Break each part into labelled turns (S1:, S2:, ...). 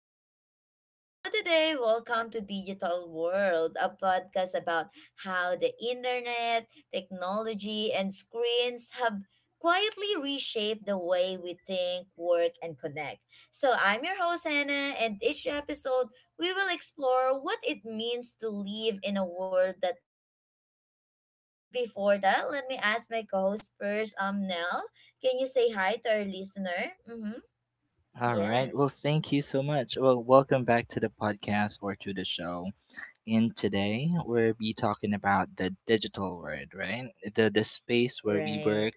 S1: with Nell. So today, welcome to Digital World, a podcast about how the internet, technology, and screens have quietly reshaped the way we think, work, and connect. So I'm your host Hannah, and each episode we will explore what it means to live in a world that never lags off. But before that, let me ask my co-host first, Nell. Can you say hi to our listener? Mm-hmm.
S2: All right. Well,
S1: Yes.
S2: thank you so much. Well, welcome back to the podcast or to the show. And today we'll be talking about the digital world, right? The space where we
S1: Right.
S2: work,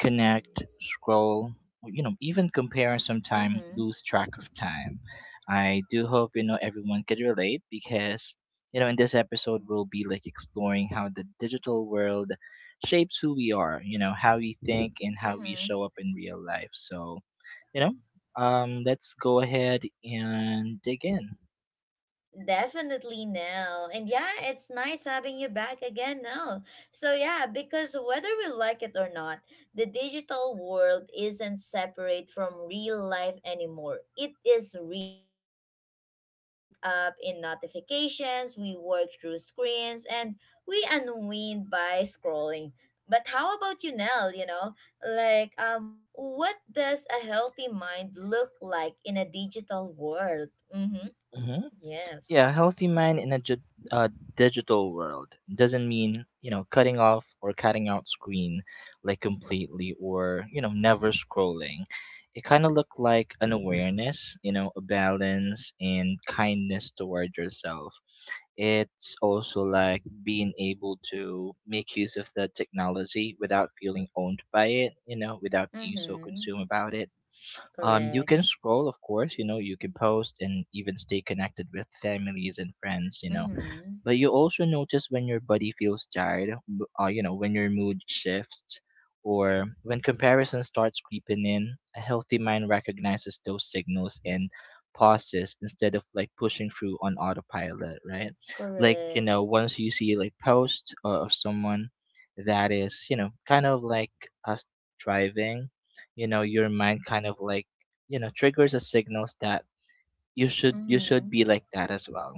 S2: connect, scroll, you know, even compare and sometimes
S1: Mm-hmm.
S2: lose track of time. I do hope you know everyone could relate because you know in this episode we'll be like exploring how the digital world shapes who we are, you know, how we think and how we
S1: Mm-hmm.
S2: show up in real life. So you know let's go ahead and dig in.
S1: Definitely, Nell. And yeah, it's nice having you back again, Nell. So, yeah, because whether we like it or not, the digital world isn't separate from real life anymore. It is real life. So, we wake up in notifications, we work through screens, and we unwind by scrolling. But how about you, Nell? What does a healthy mind look like in a digital world? Mm hmm.
S2: hmm
S1: Yes.
S2: yeah, healthy mind in a uh, digital world doesn't mean you know cutting off or cutting out screen like completely or you know never scrolling. It kind of looked like an awareness, you know, a balance and kindness toward yourself. It's also like being able to make use of the technology without feeling owned by it, you know, without being so
S1: Mhm.
S2: consumed about it. You can
S1: Correct.
S2: scroll, of course, you know, you can post and even stay connected with families and friends, you know.
S1: Mhm.
S2: But you also notice when your body feels tired, you know, when your mood shifts, or when comparison starts creeping in. A healthy mind recognizes those signals and pauses instead of like pushing through on autopilot, right? Like, you
S1: Correct.
S2: know, once you see like posts of someone that is, you know, kind of like us driving, you know, your mind kind of like, you know, triggers a signals that you should
S1: Mhm.
S2: be like that as well.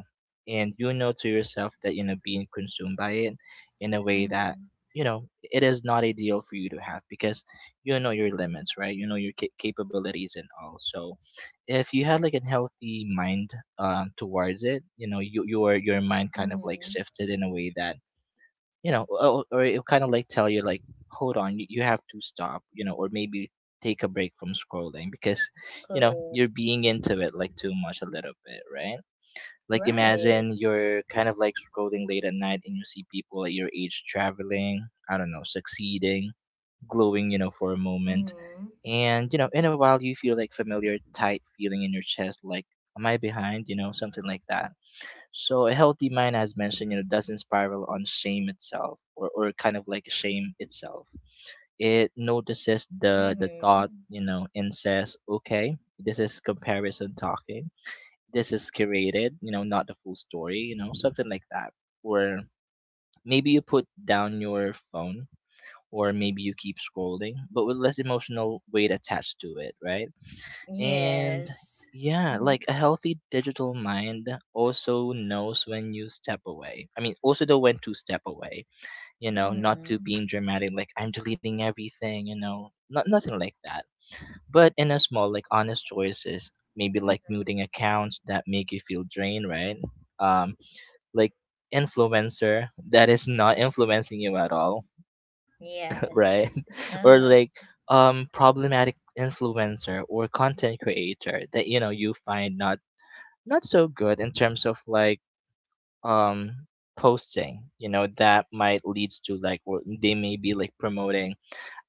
S2: And you know to yourself that you know being consumed by it in a way that
S1: Mhm.
S2: you know it is not ideal for you to have, because you know your limits, right? You know your capabilities and all. So if you had like a healthy mind towards it, you know you, your mind kind of like
S1: Mhm.
S2: shifted in a way that you know or it'll kind of like tell you like hold on you, you have to stop, you know, or maybe take a break from scrolling because you know
S1: Correct.
S2: you're being into it like too much a little bit, right? Like
S1: Right.
S2: imagine you're kind of like scrolling late at night and you see people at your age traveling, I don't know, succeeding, glowing, you know, for a moment.
S1: Mhm.
S2: And you know in a while you feel like familiar tight feeling in your chest like am I behind, you know, something like that. So a healthy mind, as mentioned, you know, doesn't spiral on shame itself or kind of like shame itself. It notices the thought,
S1: Mhm.
S2: you know, and says, okay, this is comparison talking. This is curated, you know, not the full story, you know, something like that. Or maybe you put down your phone, or maybe you keep scrolling, but with less emotional weight attached to it, right? And
S1: Yes.
S2: yeah, like
S1: Mhm.
S2: a healthy digital mind also knows when you step away. I mean, also know when to step away, you know, not to
S1: Mhm.
S2: being dramatic, like I'm deleting everything, you know, not, nothing like that. But in a
S1: Y-
S2: small, like honest choices, maybe like
S1: mhm.
S2: muting accounts that make you feel drained, right? Um, like influencer that is not influencing you at all,
S1: Yes.
S2: right? Or
S1: Uh-huh.
S2: like problematic influencer or content creator that you know you find not so good in terms of like um posting, you know, that might leads to like, or they may be like promoting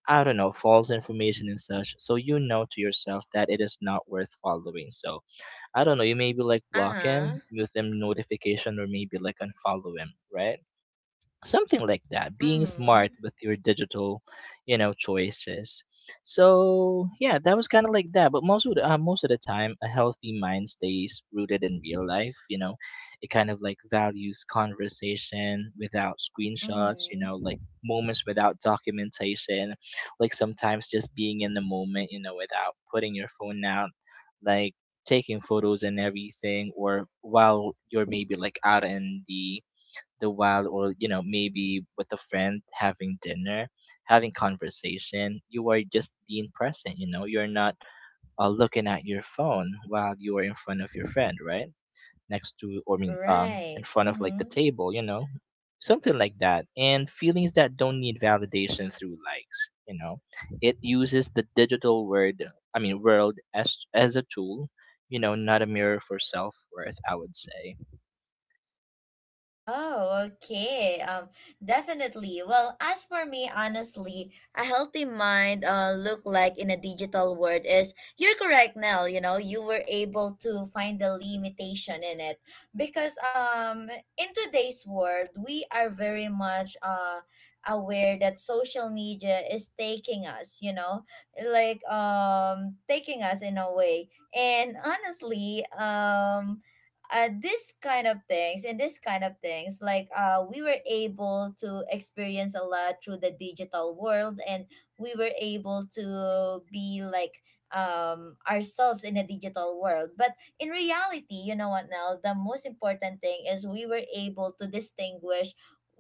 S2: I don't know, false information and such. So you know to yourself that it is not worth following. So I don't know, you maybe like block him,
S1: Uh-huh.
S2: mute him notification, or maybe like unfollow him, right? Something like that, being smart
S1: Mhm.
S2: with your digital, you know, choices. So yeah, that was kind of like that, but most of the time a healthy mind stays rooted in real life, you know. It kind of like values conversation without screenshots, you know,
S1: Mhm.
S2: like moments without documentation. Like sometimes just being in the moment, you know, without putting your phone out, like taking photos and everything, or while you're maybe like out in the wild, or you know maybe with a friend having dinner, having conversation, you are just being present, you know. You're not looking at your phone while you are in front of your friend, right, next to, or I mean in
S1: Right.
S2: front of like the
S1: Mhm.
S2: table, you know, something like that. And feelings that don't need validation through likes, you know, it uses the digital word, I mean world, as a tool, you know, not a mirror for self-worth, I would say.
S1: Oh, okay. Definitely. Well, as for me, honestly, a healthy mind look like in a digital world is you're correct, Nell, you know, you were able to find the limitation in it because in today's world, we are very much aware that social media is taking us, you know, like taking us in a way. And honestly, this kind of things and this kind of things like we were able to experience a lot through the digital world and we were able to be like ourselves in a digital world but in reality, you know what, now the most important thing is we were able to distinguish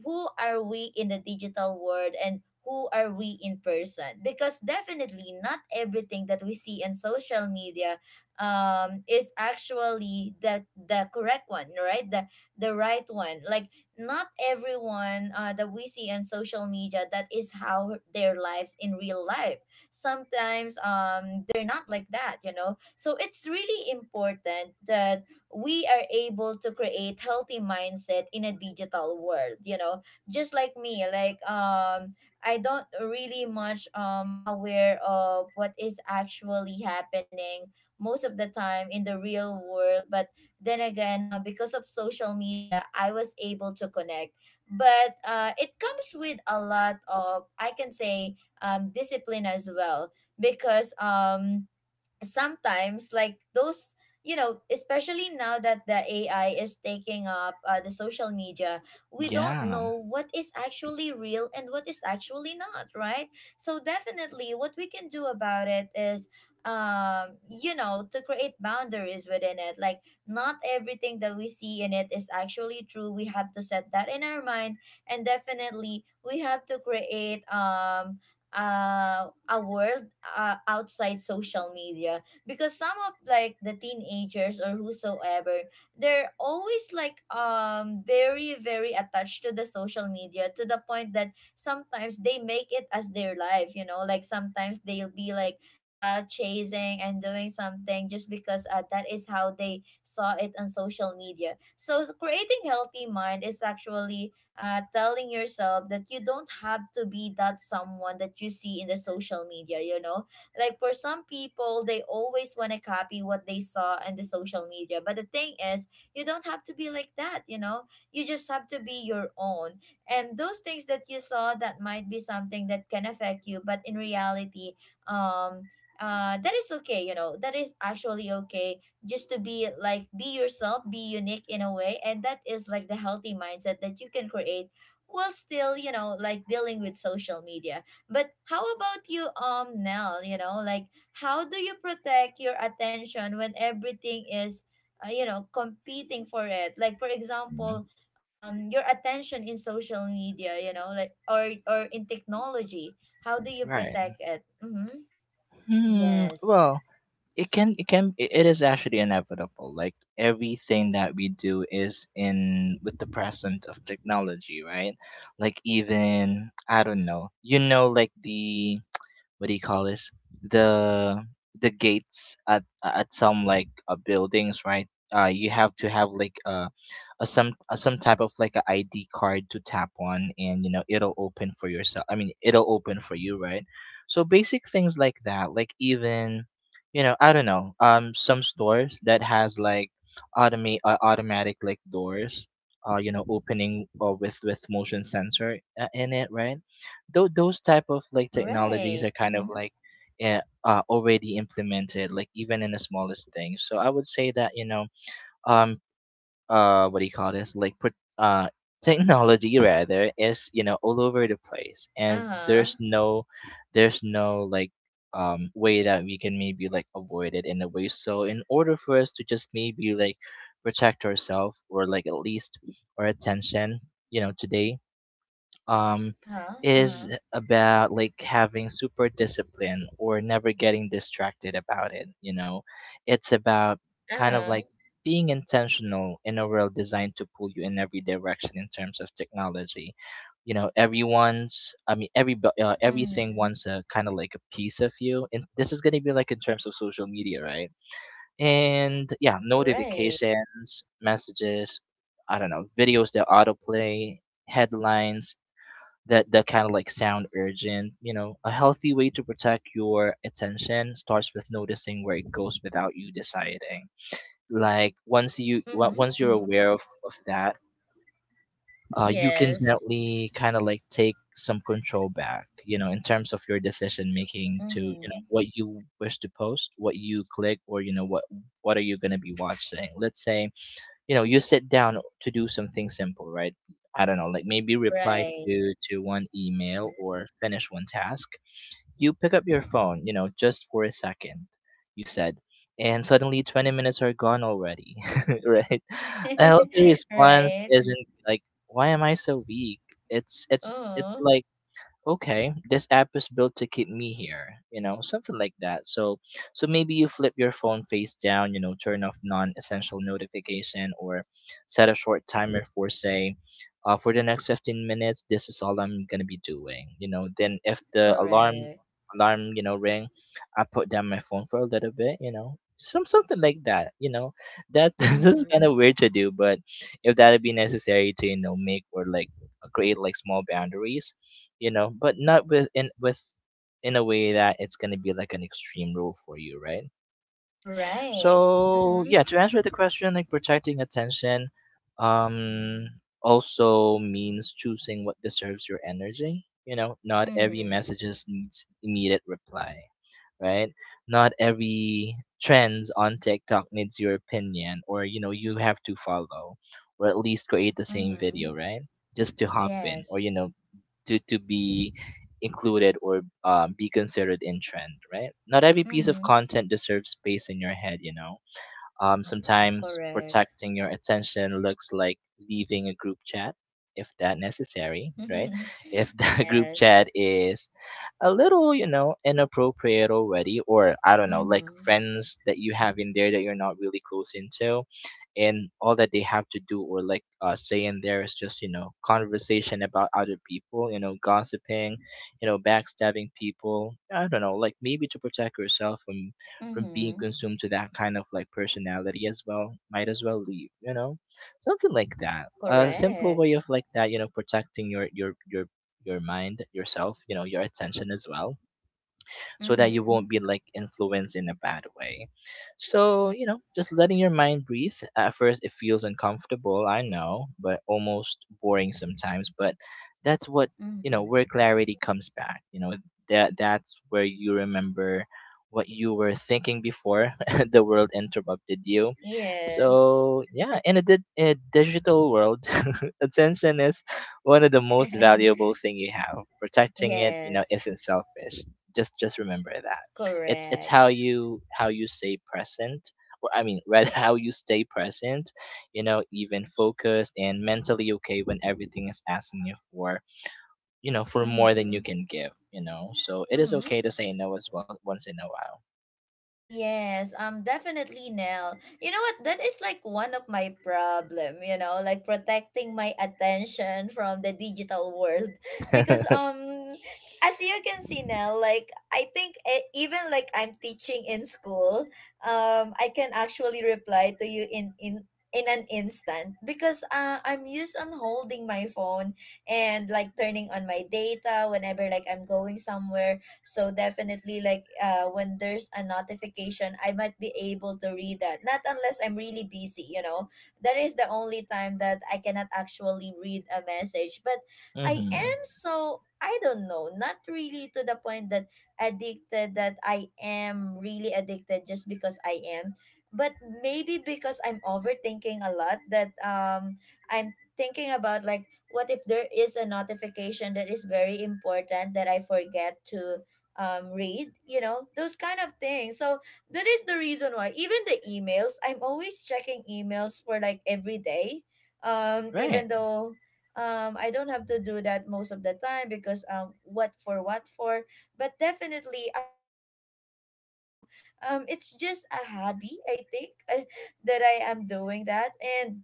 S1: who are we in the digital world and who are we in person, because definitely not everything that we see in social media is actually the correct one, right? The right one. Like not everyone that we see on social media, that is how their lives in real life. Sometimes they're not like that, you know. So it's really important that we are able to create healthy mindset in a digital world, you know, just like me. I don't really much aware of what is actually happening most of the time in the real world. But then again, because of social media, I was able to connect. But it comes with a lot of, I can say, discipline as well, because sometimes like those, you know, especially now that the AI is taking up the social media, we don't
S2: Yeah.
S1: know what is actually real and what is actually not, right? So definitely what we can do about it is, you know, to create boundaries within it, like not everything that we see in it is actually true. We have to set that in our mind. And definitely we have to create a world outside social media, because some of like the teenagers or whosoever, they're always like very very attached to the social media, to the point that sometimes they make it as their life, you know, like sometimes they'll be like cloud chasing and doing something just because that is how they saw it on social media. So creating healthy mind is actually telling yourself that you don't have to be that someone that you see in the social media, you know, like for some people they always want to copy what they saw in the social media, but the thing is you don't have to be like that, you know, you just have to be your own, and those things that you saw that might be something that can affect you, but in reality, um that is okay, you know, that is actually okay, just to be like be yourself, be unique in a way, and that is like the healthy mindset that you can create while still, you know, like dealing with social media. But how about you, Nell? You know, like how do you protect your attention when everything is, you know, competing for it? Like for
S2: Mhm.
S1: example, your attention in social media, you know, like or in technology, how do you
S2: Right.
S1: protect it? Mm-hmm.
S2: Hmm.
S1: Yes.
S2: Well, it can. It can. It is actually inevitable. Like everything that we do is in with the present of technology, right? Like even I don't know. You know, like the what do you call this, the the gates at some like buildings, right? You have to have like a some type of like a id card to tap on, and you know it'll open for yourself, I mean it'll open for you, right? So basic things like that, like even you know I don't know some stores that has like automate automatic like doors you know opening with motion sensor in it, right? Those type of like technologies are
S1: Right.
S2: kind of
S1: Mm-hmm.
S2: like already implemented like even in the smallest things. So I would say that you know um what do you call this like uh technology rather is you know all over the place, and
S1: Uh-huh.
S2: there's no like way that we can maybe like avoid it in a way. So in order for us to just maybe like protect ourselves, or like at least our attention, you know, today um,
S1: Uh-huh,
S2: is
S1: uh-huh.
S2: about like having super discipline or never getting distracted about it. You know, it's about kind of
S1: Uh-huh.
S2: like being intentional in a world designed to pull you in every direction in terms of technology. You know, everyone's, I mean, everything
S1: Mhm.
S2: wants a kind of like a piece of you, and this is going to be like in terms of social media, right? And yeah,
S1: Right.
S2: notifications, messages, I don't know, videos that autoplay, headlines, that kind of like sound urgent. You know, a healthy way to protect your attention starts with noticing where it goes without you deciding. Like
S1: Mhm,
S2: once you
S1: mhm.
S2: once you're aware of that you
S1: Yes.
S2: can gently kind of like take some control back, you know, in terms of your decision making, to you know
S1: Mhm.
S2: what you wish to post, what you click, or you know what are you going to be watching, let's say. You know, you sit down to do something simple, right? I don't know, like maybe reply
S1: Right.
S2: to one
S1: Mhm.
S2: email or finish one task. You pick up your phone, you know, just for a second, you said, and suddenly 20 minutes are gone already. Right? A healthy response
S1: Right.
S2: isn't like why am I so weak. It's
S1: Oh.
S2: like okay, this app is built to keep me here, you know, something like that. So, so
S1: Mhm.
S2: maybe you flip your phone face down, you know, turn off non-essential notification, or set a short timer for say, for the next 15 minutes, this is all I'm gonna be doing, you know. Then if the
S1: Correct.
S2: alarm, you know, ring, I put down my phone for a little bit, you know. Something like that, you know. That that's kind
S1: Mhm.
S2: of weird to do, but if that'd be necessary to, you know, make or like create like small boundaries, you know, but not with in a way that it's gonna be like an extreme rule for you, right?
S1: Right.
S2: So
S1: Mhm.
S2: yeah, to answer the question, like protecting attention, um, also means choosing what deserves your energy. You know, not every
S1: Mhm.
S2: messages needs immediate reply, right? Not every trends on TikTok needs your opinion, or you know, you have to follow, or at least create the same video,
S1: Mhm.
S2: right? Just to hop in, or
S1: Yes.
S2: you know, to be included, or be considered in trend, right? Not every piece of
S1: Mhm.
S2: content deserves space in your head, you know. Um, sometimes
S1: Correct.
S2: protecting your attention looks like leaving a group chat if that necessary, right? If that group
S1: Yes.
S2: chat is a little, you know, inappropriate already, or I don't know, like
S1: Mhm.
S2: friends that you have in there that you're not really close into, and all that they have to do or like say in there is just, you know, conversation about other people, you know, gossiping, you know, backstabbing people. I don't know, like maybe to protect yourself from being
S1: Mhm.
S2: consumed to that kind of like personality as well, might as well leave, you know, something like that, a simple way
S1: Correct.
S2: of like that, you know, protecting your your mind, yourself, you know, your attention as well, so that you won't
S1: Mhm.
S2: be like influenced in a bad way. So, you know, just letting your mind breathe. At first, it feels uncomfortable, I know, but almost boring sometimes. But that's what, you know,
S1: Mhm.
S2: where clarity comes back. You know, that's where you remember what you were thinking before the world interrupted you.
S1: Yes.
S2: So, yeah, in a, a digital world, attention is one of the most valuable thing you have. Protecting it, you know,
S1: Yes,
S2: isn't selfish. Just remember that it's
S1: correct.
S2: how you stay present. Or I mean, rather, how you stay present, you know, even focused and mentally okay when everything is asking you for, you know, for more than you
S1: Mm-hmm.
S2: can give, you know. So it is
S1: Mm-hmm.
S2: okay to say no as well once in a while.
S1: Yes, definitely, Nell. You know what? That is like one of my problem. You know, like protecting my attention from the digital world. Because as you can see, Nell, like I think even like I'm teaching in school, I can actually reply to you in an instant, because I'm used on holding my phone and like turning on my data whenever like I'm going somewhere. So definitely like when there's a notification, I might be able to read that. Not unless I'm really busy, you know. That is the only time that I cannot actually read a message. But I
S2: Hmm.
S1: am so, I don't know, not really to the point that addicted, that I am really addicted just because I am. But maybe because I'm overthinking a lot, that I'm thinking about like what if there is a notification that is very important that I forget to read, you know, those kind of things. So that is the reason why even the emails, I'm always checking emails for like every day. Even
S2: Right.
S1: though I don't have to do that most of the time because what for, what for. But definitely, I will always check it. You know, it's just a hobby, I think, that I am doing that. And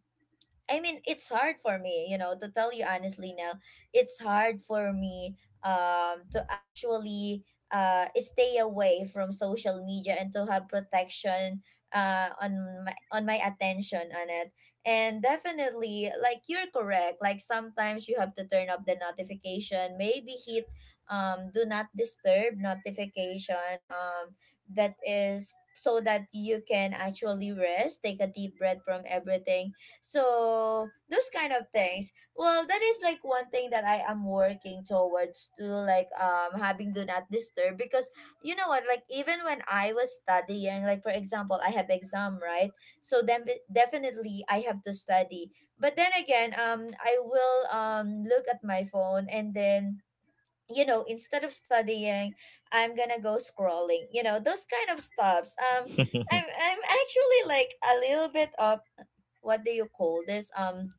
S1: I mean, it's hard for me, you know, to tell you honestly now, it's hard for me to actually stay away from social media and to have protection on my attention on it. And definitely like you're correct, like sometimes you have to turn up the notification, maybe hit do not disturb notification, that is so that you can actually rest, take a deep breath from everything. So those kind of things. Well, that is like one thing that I am working towards to, like having do not disturb, because you know what, like even when I was studying, like for example I have exam, right? So then definitely I have to study, but then again, I will look at my phone and then, you know, instead of studying, I'm gonna go scrolling, you know, those kind of stuffs. um i'm i'm actually like a little bit of, what do you call this,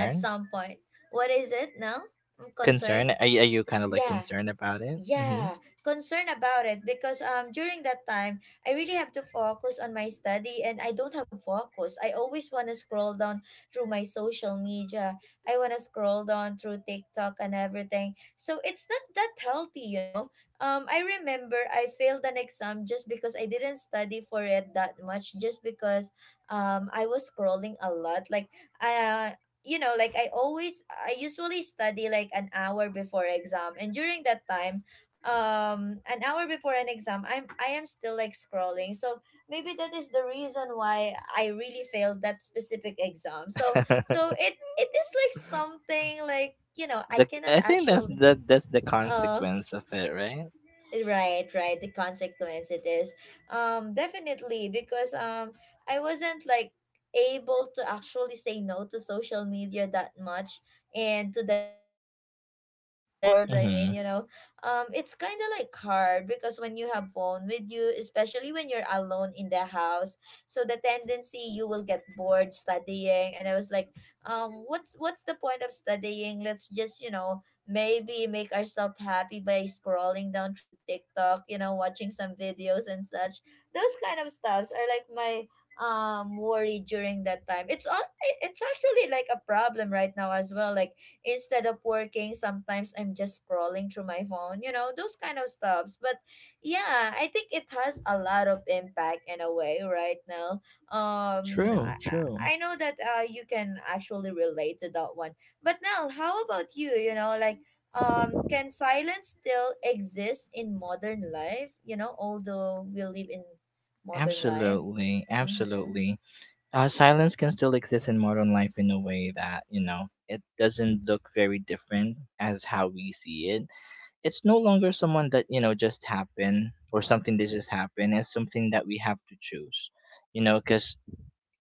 S1: at some point. What is it now? I'm concerned.
S2: Are you kind of like
S1: Yeah.
S2: concerned about it? Hmm.
S1: Yeah, concerned about it, because during that time I really have to focus on my study and I don't have focus. I always want to scroll down through my social media. I want to scroll down through TikTok and everything. So it's not that healthy, you know. I remember I failed an exam just because I didn't study for it that much, just because I was scrolling a lot. Like I you know, like I usually study like an hour before exam, and during that time, an hour before an exam, I am still like scrolling, so maybe that is the reason why I really failed that specific exam. so so it it is like something like, you know, I cannot
S2: I think that's
S1: actually
S2: the
S1: uh
S2: consequence of it, right?
S1: right, right, the consequence, it is. Definitely, because I wasn't like able to actually say no to social media that much, and to the digital world, I mean,
S2: Hmm.
S1: you know. It's kind of like hard because when you have phone with you, especially when you're alone in the house, so the tendency, you will get bored studying, and I was like, what's the point of studying, let's just, you know, maybe make ourselves happy by scrolling down through TikTok, you know, watching some videos and such. Those kind of stuffs are like my worry during that time. It's actually like a problem right now as well. Like instead of working, sometimes I'm just scrolling through my phone, you know, those kind of stuffs. But yeah, I think it has a lot of impact in a way right now. Um I,
S2: True, true.
S1: I I know that you can actually relate to that one. But now, how about you? You know, like can silence still exist in modern life? You know, although we live in modern life.
S2: Absolutely,
S1: Mm-hmm.
S2: absolutely. Silence can still exist in modern life in a way that, you know, it doesn't look very different as how we see it. It's no longer someone that, you know, just happened or something that just happened. It's something that we have to choose, you know, because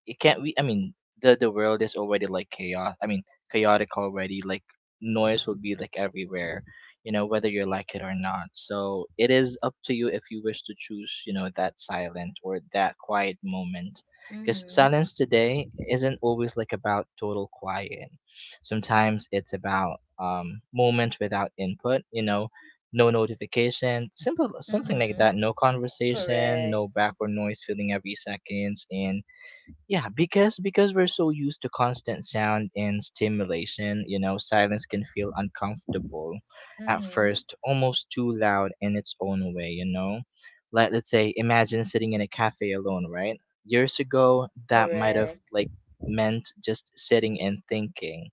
S2: it can't we I mean the world is already like chaos, I mean, chaotic already. Like noise will be like everywhere, you know, whether you like it or not. So it is up to you if you wish to choose, you know, that silent or that quiet moment, because
S1: Mm-hmm.
S2: silence today isn't always like about total quiet. Sometimes it's about moments without input, you know, no notification, simple, something like that.
S1: Mm-hmm.
S2: No conversation,
S1: Correct.
S2: no background noise filling every seconds. And yeah, because we're so used to constant sound and stimulation, you know, silence can feel uncomfortable at
S1: Mm-hmm.
S2: first, almost too loud in its own way, you know. Like, let's say, imagine sitting in a cafe alone, right? Years ago, that might have
S1: Correct.
S2: like meant just sitting and thinking.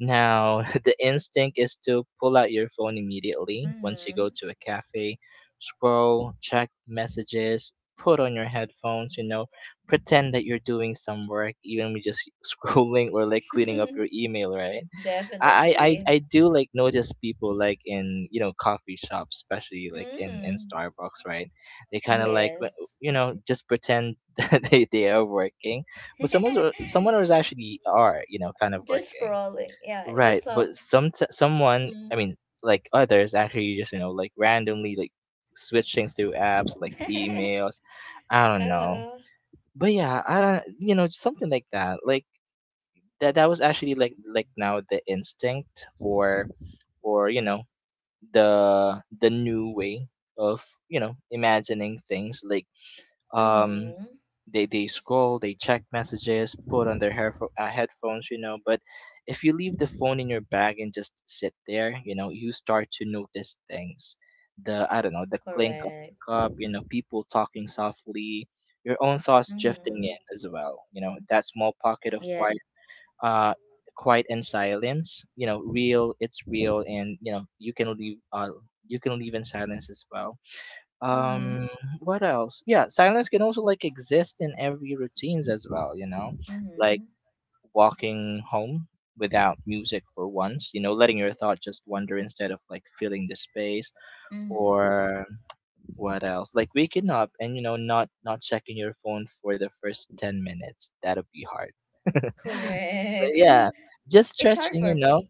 S2: Now, the instinct is to pull out your phone immediately once you
S1: Mm-hmm.
S2: go to a cafe, scroll, check messages, put on your headphones, you know, pretend that you're doing some work, even with just scrolling or like cleaning up your email, right? I, I, I
S1: Definitely.
S2: I do like notice people like in, you know, coffee shops, especially like in,
S1: Mm.
S2: Starbucks, right? They kind of like,
S1: Yes.
S2: you know, just pretend that they are working, but someone's, someone was actually, are, you know, kind of
S1: Just
S2: working.
S1: scrolling. Yeah, but
S2: Right, but
S1: some.
S2: some, someone, I
S1: Mm.
S2: mean, like others actually just, you know, like randomly like switching through apps, like emails. I don't know.
S1: uh,
S2: But yeah, I don't, you know, something like that. Like that was actually like now the instinct, or you know, the new way of, you know, imagining things like, um
S1: mm-hmm.
S2: they, scroll, they check messages, put on their hair, headphones, you know. But if you leave the phone in your bag and just sit there, you know, you start to notice things. The, I don't know, the clink of
S1: Correct.
S2: the cup, you know, people talking softly, your own thoughts drifting
S1: Mm-hmm.
S2: in as well, you know, that small pocket of
S1: Yeah.
S2: quiet. uh Quiet and silence, you know, real, it's real, and you know, you can leave, you can leave in silence as well.
S1: Mm-hmm.
S2: um what else? Yeah, silence can also like exist in every routines as well, you know, like
S1: Mm-hmm.
S2: walking home without music for once, you know, letting your thought just wander instead of like filling the space.
S1: Mm-hmm.
S2: Or what else, like waking up and, you know, not checking your phone for the first 10 minutes. That'll be hard. But
S1: Correct.
S2: yeah, just
S1: It's hard
S2: stretching, you
S1: for
S2: know.
S1: me.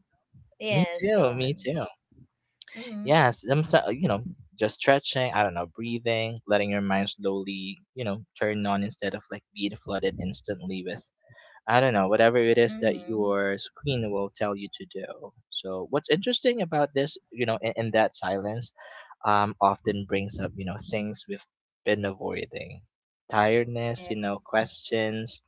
S2: Me
S1: Yes, go
S2: too, me
S1: on.
S2: too.
S1: Mm-hmm.
S2: Yeah, you know, just stretching, I don't know, breathing, letting your mind slowly, you know, turn on instead of like being flooded instantly with, I don't know, whatever it is that
S1: Mm-hmm.
S2: your screen will tell you to do. So, what's interesting about this, you know, in that silence, often brings up, you know, things we've been avoiding. Tiredness,
S1: Yeah.
S2: you know, questions,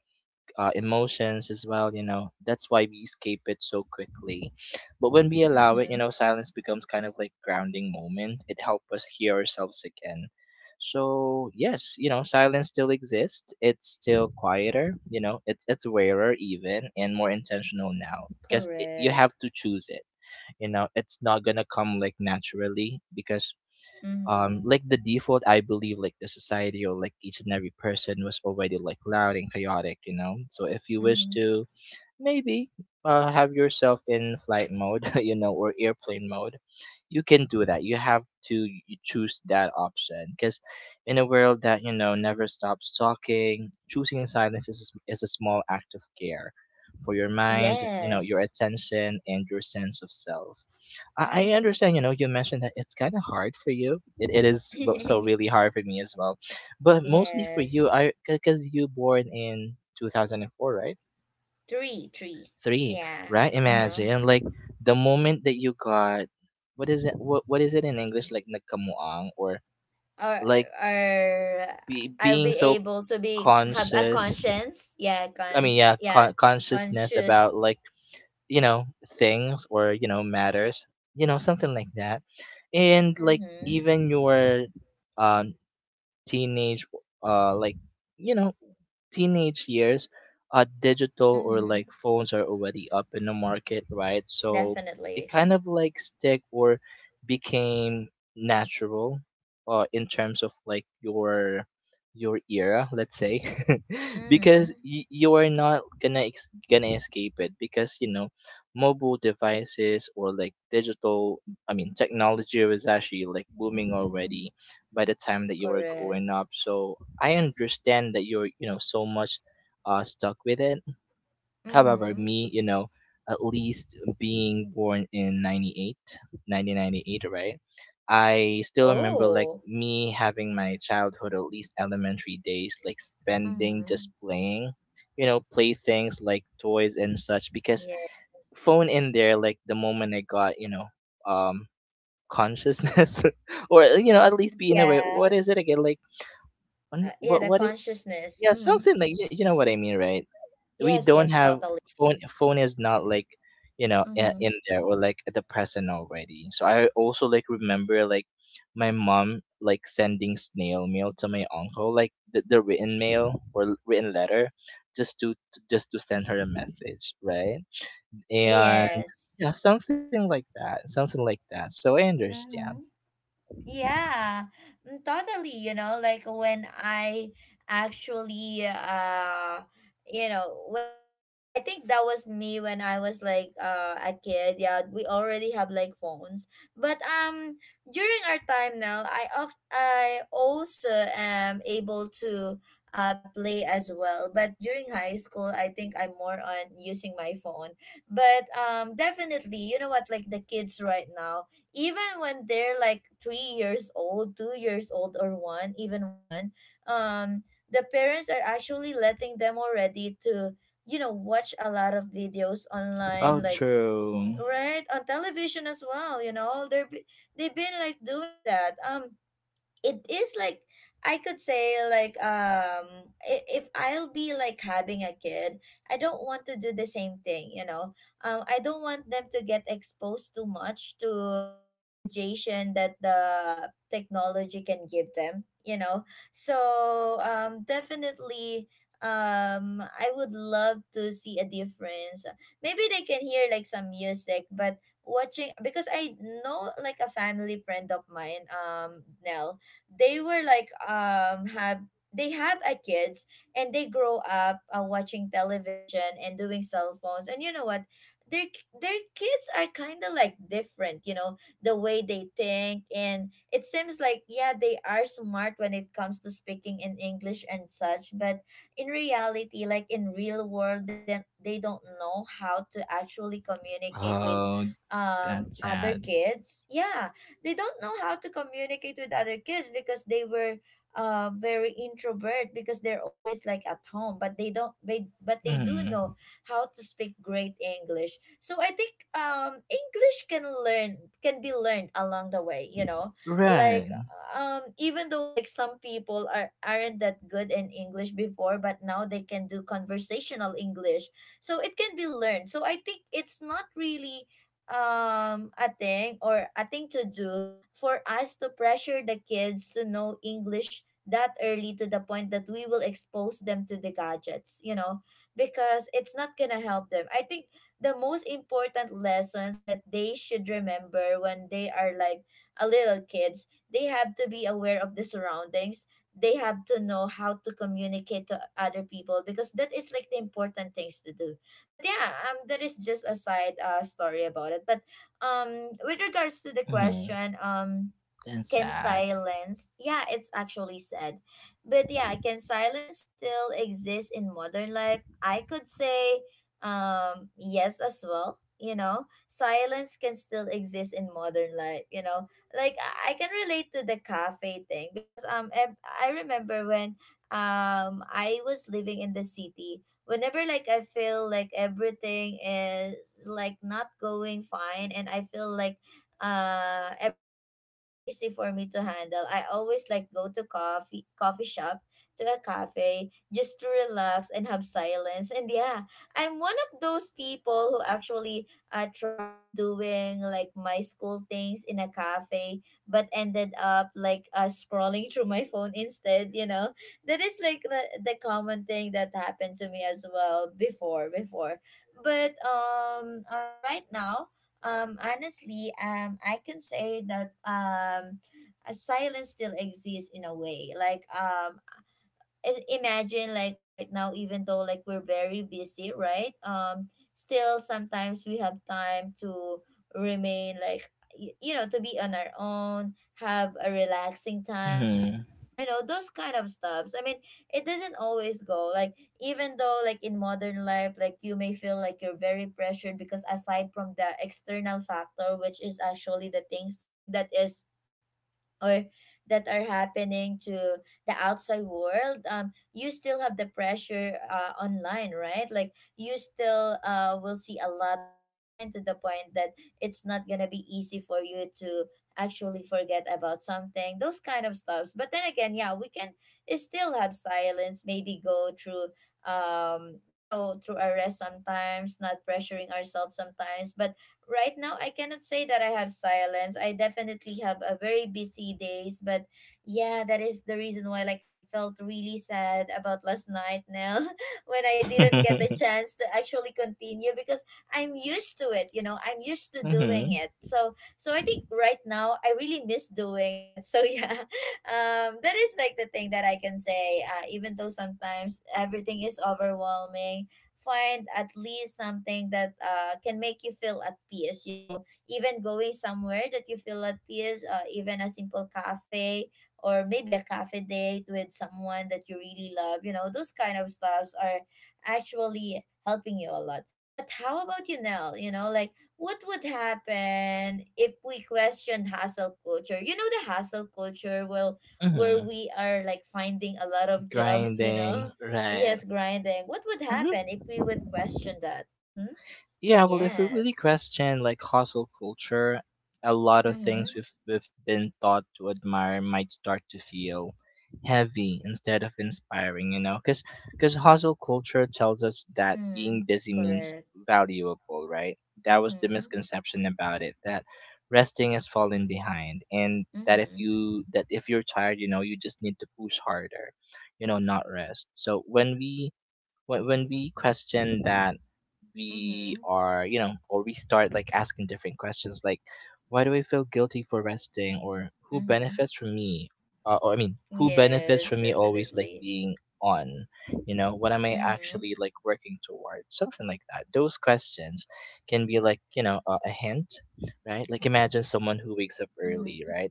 S2: emotions as well, you know. That's why we escape it so quickly. But when we allow it, you
S1: Mm-hmm.
S2: know, silence becomes kind of like grounding moment. It helps us hear ourselves again. So yes, you know, silence still exists. It's still quieter, you know, it's rarer even, and more intentional now, because you have
S1: Correct.
S2: to choose it. You know, it's not gonna come like naturally, because
S1: Mm-hmm.
S2: like the default, I believe, like the society or like each and every person was already like loud and chaotic, you know. So if you wish
S1: Mm-hmm.
S2: to maybe have yourself in flight mode, you know, or airplane mode, you can do that. You have to choose that option, because in a world that, you know, never stops talking, choosing silence is, is a small act of care for your mind, you know, your
S1: Yes.
S2: attention, and your sense of self. I
S1: Mm-hmm.
S2: understand, you know, you mentioned that it's kind of hard for you. It is so really hard for me as well. But mostly for you,
S1: Yes.
S2: I, because you born in 2004, right?
S1: Three, three.
S2: Three,
S1: Yeah.
S2: right?
S1: Uh-huh.
S2: Imagine, like, the moment that you got, what is it, what is it in English, like, nagkamuang, or,
S1: Or,
S2: like,
S1: or I'll
S2: being
S1: be
S2: so
S1: able to be have a
S2: conscious,
S1: conscience. Yeah,
S2: I
S1: Con.
S2: mean, yeah,
S1: Yeah,
S2: consciousness about,
S1: conscious.
S2: like, you know, things or, you know, matters, you know, something like that. And like,
S1: Mm-hmm.
S2: even your um teenage, uh like you know, teenage years, digital or
S1: Mm-hmm.
S2: like phones are already up in the market, right? So it
S1: Definitely.
S2: kind of like stick or became natural, in terms of like your era, let's say.
S1: Mm-hmm.
S2: Because you are not gonna gonna escape it, because, you know, mobile devices or like digital, I mean, technology was actually like booming
S1: Mm-hmm. Mm-hmm.
S2: already by the time that you were growing
S1: Correct.
S2: up. So I understand that you're, you know, so much stuck with it. However,
S1: Mm-hmm.
S2: me, you know, at least being born in 98, 1998, right? I still remember like
S1: Oh.
S2: me having my childhood, at least elementary days, like spending
S1: Mm-hmm.
S2: just playing, you know, play things like toys and such. Because
S1: Yeah.
S2: phone in there, like the moment I got, you know, um, consciousness, or you know, at least being
S1: Yeah.
S2: aware. What is it again? Like
S1: Yeah,
S2: What
S1: the
S2: is,
S1: consciousness.
S2: yeah,
S1: Mm-hmm.
S2: something like you know what I mean, right? We
S1: Yes,
S2: don't
S1: yes,
S2: have
S1: totally.
S2: phone. Phone is not like, you know,
S1: Mm-hmm.
S2: in there or like at the present already. So I also like remember like my mom like sending snail mail to my uncle, like the, written mail, or written letter, just to, just to send her a message, right? And
S1: Yes.
S2: yeah, something like that, something like that, so I understand.
S1: Mm-hmm. Yeah, mm, totally. You know, like when I actually, you know, I think that was me when I was like a kid. Yeah, we already have like phones, but during our time now, I also am able to play as well. But during high school, I think I'm more on using my phone. But definitely, you know what? Like the kids right now even when they're like 3 years old, 2 years old, or one, even one, um, the parents are actually letting them already to, you know, watch a lot of videos
S2: Oh,
S1: online, like
S2: true.
S1: right on television as well. You know, they've been like doing that. It is like I could say like if I'll be like having a kid, I don't want to do the same thing, you know. I don't want them to get exposed too much to the radiation that the technology can give them, you know. So definitely I would love to see a difference. Maybe they can hear like some music, but watching because I know like a family friend of mine, Nell, they were like um have they have a kids and they grow up watching television and doing cell phones and you know what their kids are kind of like different you know the way they think and it seems like yeah they are smart when it comes to speaking in English and such but in reality like in real world they don't know how to actually communicate with
S2: Oh, that's
S1: other
S2: sad.
S1: kids yeah they don't know how to communicate with other kids because they were very introvert because they're always like at home but they don't they but they do
S2: Mm.
S1: know how to speak great English so I think English can be learned along the way you know like
S2: Right.
S1: even though like some people aren't that good in English before but now they can do conversational English so it can be learned so I think it's not really a thing or a thing to do for us to pressure the kids to know English that early to the point that we will expose them to the gadgets, you know, because it's not gonna help them. I think the most important lessons that they should remember when they are like a little kids, they have to be aware of the surroundings. They have to know how to communicate to other people because that is like the important things to do but yeah that is just a side story about it but with regards to the
S2: Mhm.
S1: question
S2: And
S1: can
S2: sad.
S1: silence yeah it's actually sad but yeah can silence still exist in modern life I could say yes as well you know silence can still exist in modern life you know like I can relate to the cafe thing because I remember when I was living in the city whenever like I feel like everything is like not going fine and I feel like everything is too noisy for me to handle I always like go to coffee shop to a cafe just to relax and have silence and yeah I'm one of those people who actually tried doing like my school things in a cafe but ended up like scrolling through my phone instead you know that is like the common thing that happened to me as well before but right now, honestly, I can say that a silence still exists in a way. Like imagine like right now even though like we're very busy right still sometimes we have time to remain like you know to be on our own have a relaxing time on our
S2: Mhm.
S1: own you know those kind of stuffs I mean it doesn't always go like even though like in modern life like you may feel like you're very pressured because aside from the external factor which is actually the things that is or that are happening to the outside world you still have the pressure online right like you still will see a lot online to the point that it's not gonna be easy for you to actually forget about something those kind of stuffs but then again yeah we can still have silence maybe go through you know through arrest sometimes not pressuring ourselves sometimes but right now I cannot say that I have silence. I definitely have a very busy days, but yeah, that is the reason why like I felt really sad about last night now when I didn't get the chance to actually continue because I'm used to it, you know. I'm used to
S2: Mhm.
S1: doing
S2: Mhm.
S1: it. So I think right now I really miss doing it. So yeah. That is like the thing that I can say even though sometimes everything is overwhelming find at least something that can make you feel at peace you know even going somewhere that you feel at peace even a simple cafe or maybe a cafe date with someone that you really love you know those kind of stuffs are actually helping you a lot but how about you Nell you know like what would happen if we question hustle culture you know the hustle culture will where we are like finding a lot of jobs you
S2: Grinding.
S1: know
S2: Right.
S1: Yes, grinding. What would
S2: Mhm.
S1: happen if we would question that? Mm-hmm.
S2: Yeah, well, if we really
S1: Yes.
S2: question like hustle culture, a lot of things
S1: Mm-hmm.
S2: we've been taught to admire might start to feel heavy instead of inspiring. You know, because hustle culture tells us that being
S1: Mm.
S2: busy means
S1: Correct.
S2: valuable, right? That was the
S1: Mm-hmm.
S2: misconception about it, that resting has fallen behind, and that
S1: Mm-hmm.
S2: if you're tired, you know, you just need to push harder, you know, not rest. So when we question that, we
S1: Mm-hmm.
S2: are, you know, or we start like asking different questions, like, why do I feel guilty for resting? Or who
S1: Mm-hmm.
S2: benefits from me, or I mean who benefits
S1: Yes,
S2: from me always like
S1: definitely.
S2: being on, you know, what am I
S1: Mm-hmm.
S2: actually like working towards? Something like that. Those questions can be like, you know, a hint. Right, like imagine someone who wakes up early,
S1: Mm-hmm.
S2: right,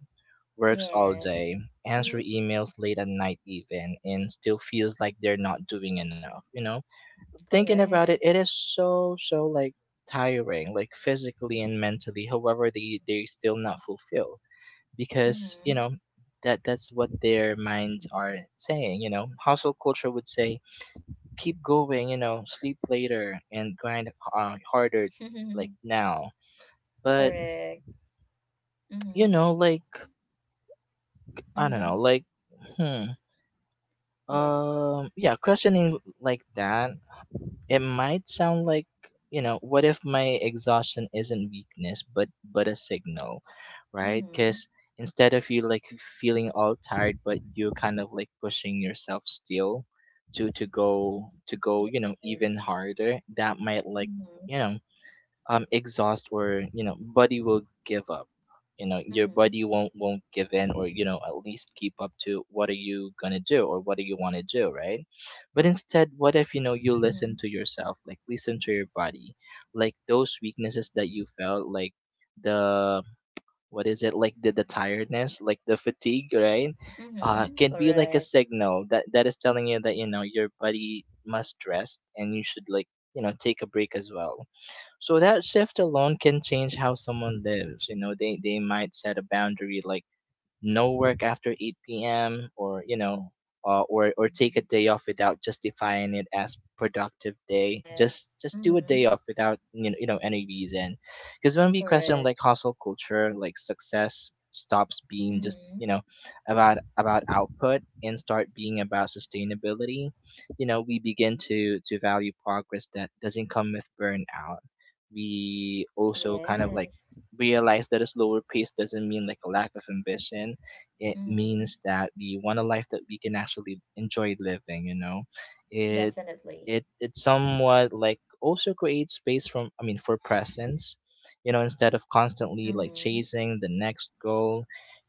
S2: works all
S1: Yes.
S2: day, answer
S1: Mm-hmm.
S2: emails late at night even, and still feels like they're not doing enough, you know. Thinking about it,
S1: Correct.
S2: it is so, so like tiring, like physically and mentally. However, they still not fulfilled, because,
S1: Mm-hmm.
S2: you know, that that's what their minds are saying. You know, hustle culture would say, keep going, you know, sleep later, and grind harder, like now. But
S1: Correct.
S2: you
S1: Mm-hmm.
S2: know, like I don't know,
S1: Mm-hmm.
S2: hmm,
S1: Yes.
S2: yeah, questioning like that, it might sound like, you know, what if my exhaustion isn't weakness but a signal, right?
S1: Mm-hmm.
S2: Because instead of you like feeling all tired but you're kind of like pushing yourself still to go you know even
S1: Yes.
S2: harder, that might like,
S1: Mm-hmm.
S2: you know exhaust, or you know body will give up, you know your
S1: Mm-hmm.
S2: body won't give in, or you know at least keep up to what are you gonna do or what do you want to do, right? But instead, what if you know you listen to
S1: Mm-hmm.
S2: yourself, like listen to your body, like those weaknesses that you felt like the what is it like the tiredness, like the fatigue, right?
S1: Mm-hmm.
S2: Can be like a
S1: Correct.
S2: signal that is telling you that you know your body must rest and you should, like you know, take a break as well. So that shift alone can change how someone lives. You know, they might set a boundary like no work after 8 p.m., or you know, or take a day off without justifying it as productive day.
S1: Yes.
S2: Just do a
S1: Mm-hmm.
S2: day off without you know any reason. Because when we question
S1: Correct.
S2: like hustle culture, like success stops being just
S1: Mm-hmm.
S2: you know about output and start being about sustainability. You know, we begin to value progress that doesn't come with burnout. We also kind of like
S1: Yes.
S2: realize that a slower pace doesn't mean like a lack of ambition. It
S1: Mm-hmm.
S2: means that we want a life that we can actually enjoy living, you know. It
S1: Definitely.
S2: it somewhat like also creates space from I mean for presence. You know, instead of constantly like
S1: Mm-hmm.
S2: chasing the next goal,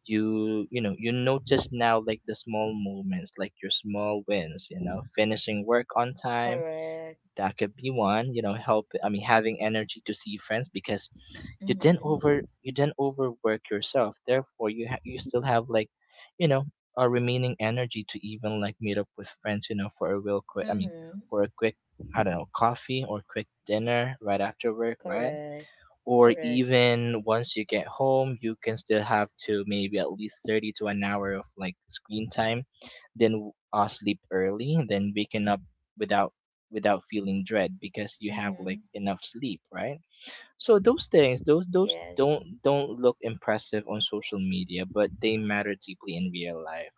S2: you know, you notice now like the small moments, like your small wins, you know, finishing work on time,
S1: Correct.
S2: that could be one. You know, help I mean having energy to see friends, because
S1: Mm-hmm.
S2: you didn't overwork yourself. Therefore, you still have like, you know, a remaining energy to even like meet up with friends, you know, for a real quick I mean
S1: Mm-hmm.
S2: for a quick, I don't know, coffee or quick dinner right after work, right?
S1: Correct.
S2: Or
S1: Correct.
S2: even once you get home, you can still have to maybe at least 30 to an hour of like screen time, then sleep early, then waking up without feeling dread because you have
S1: Mm-hmm.
S2: like enough sleep, right? So those things, those
S1: Yes.
S2: those
S1: Yes.
S2: don't look impressive on social media, but they matter deeply in real life.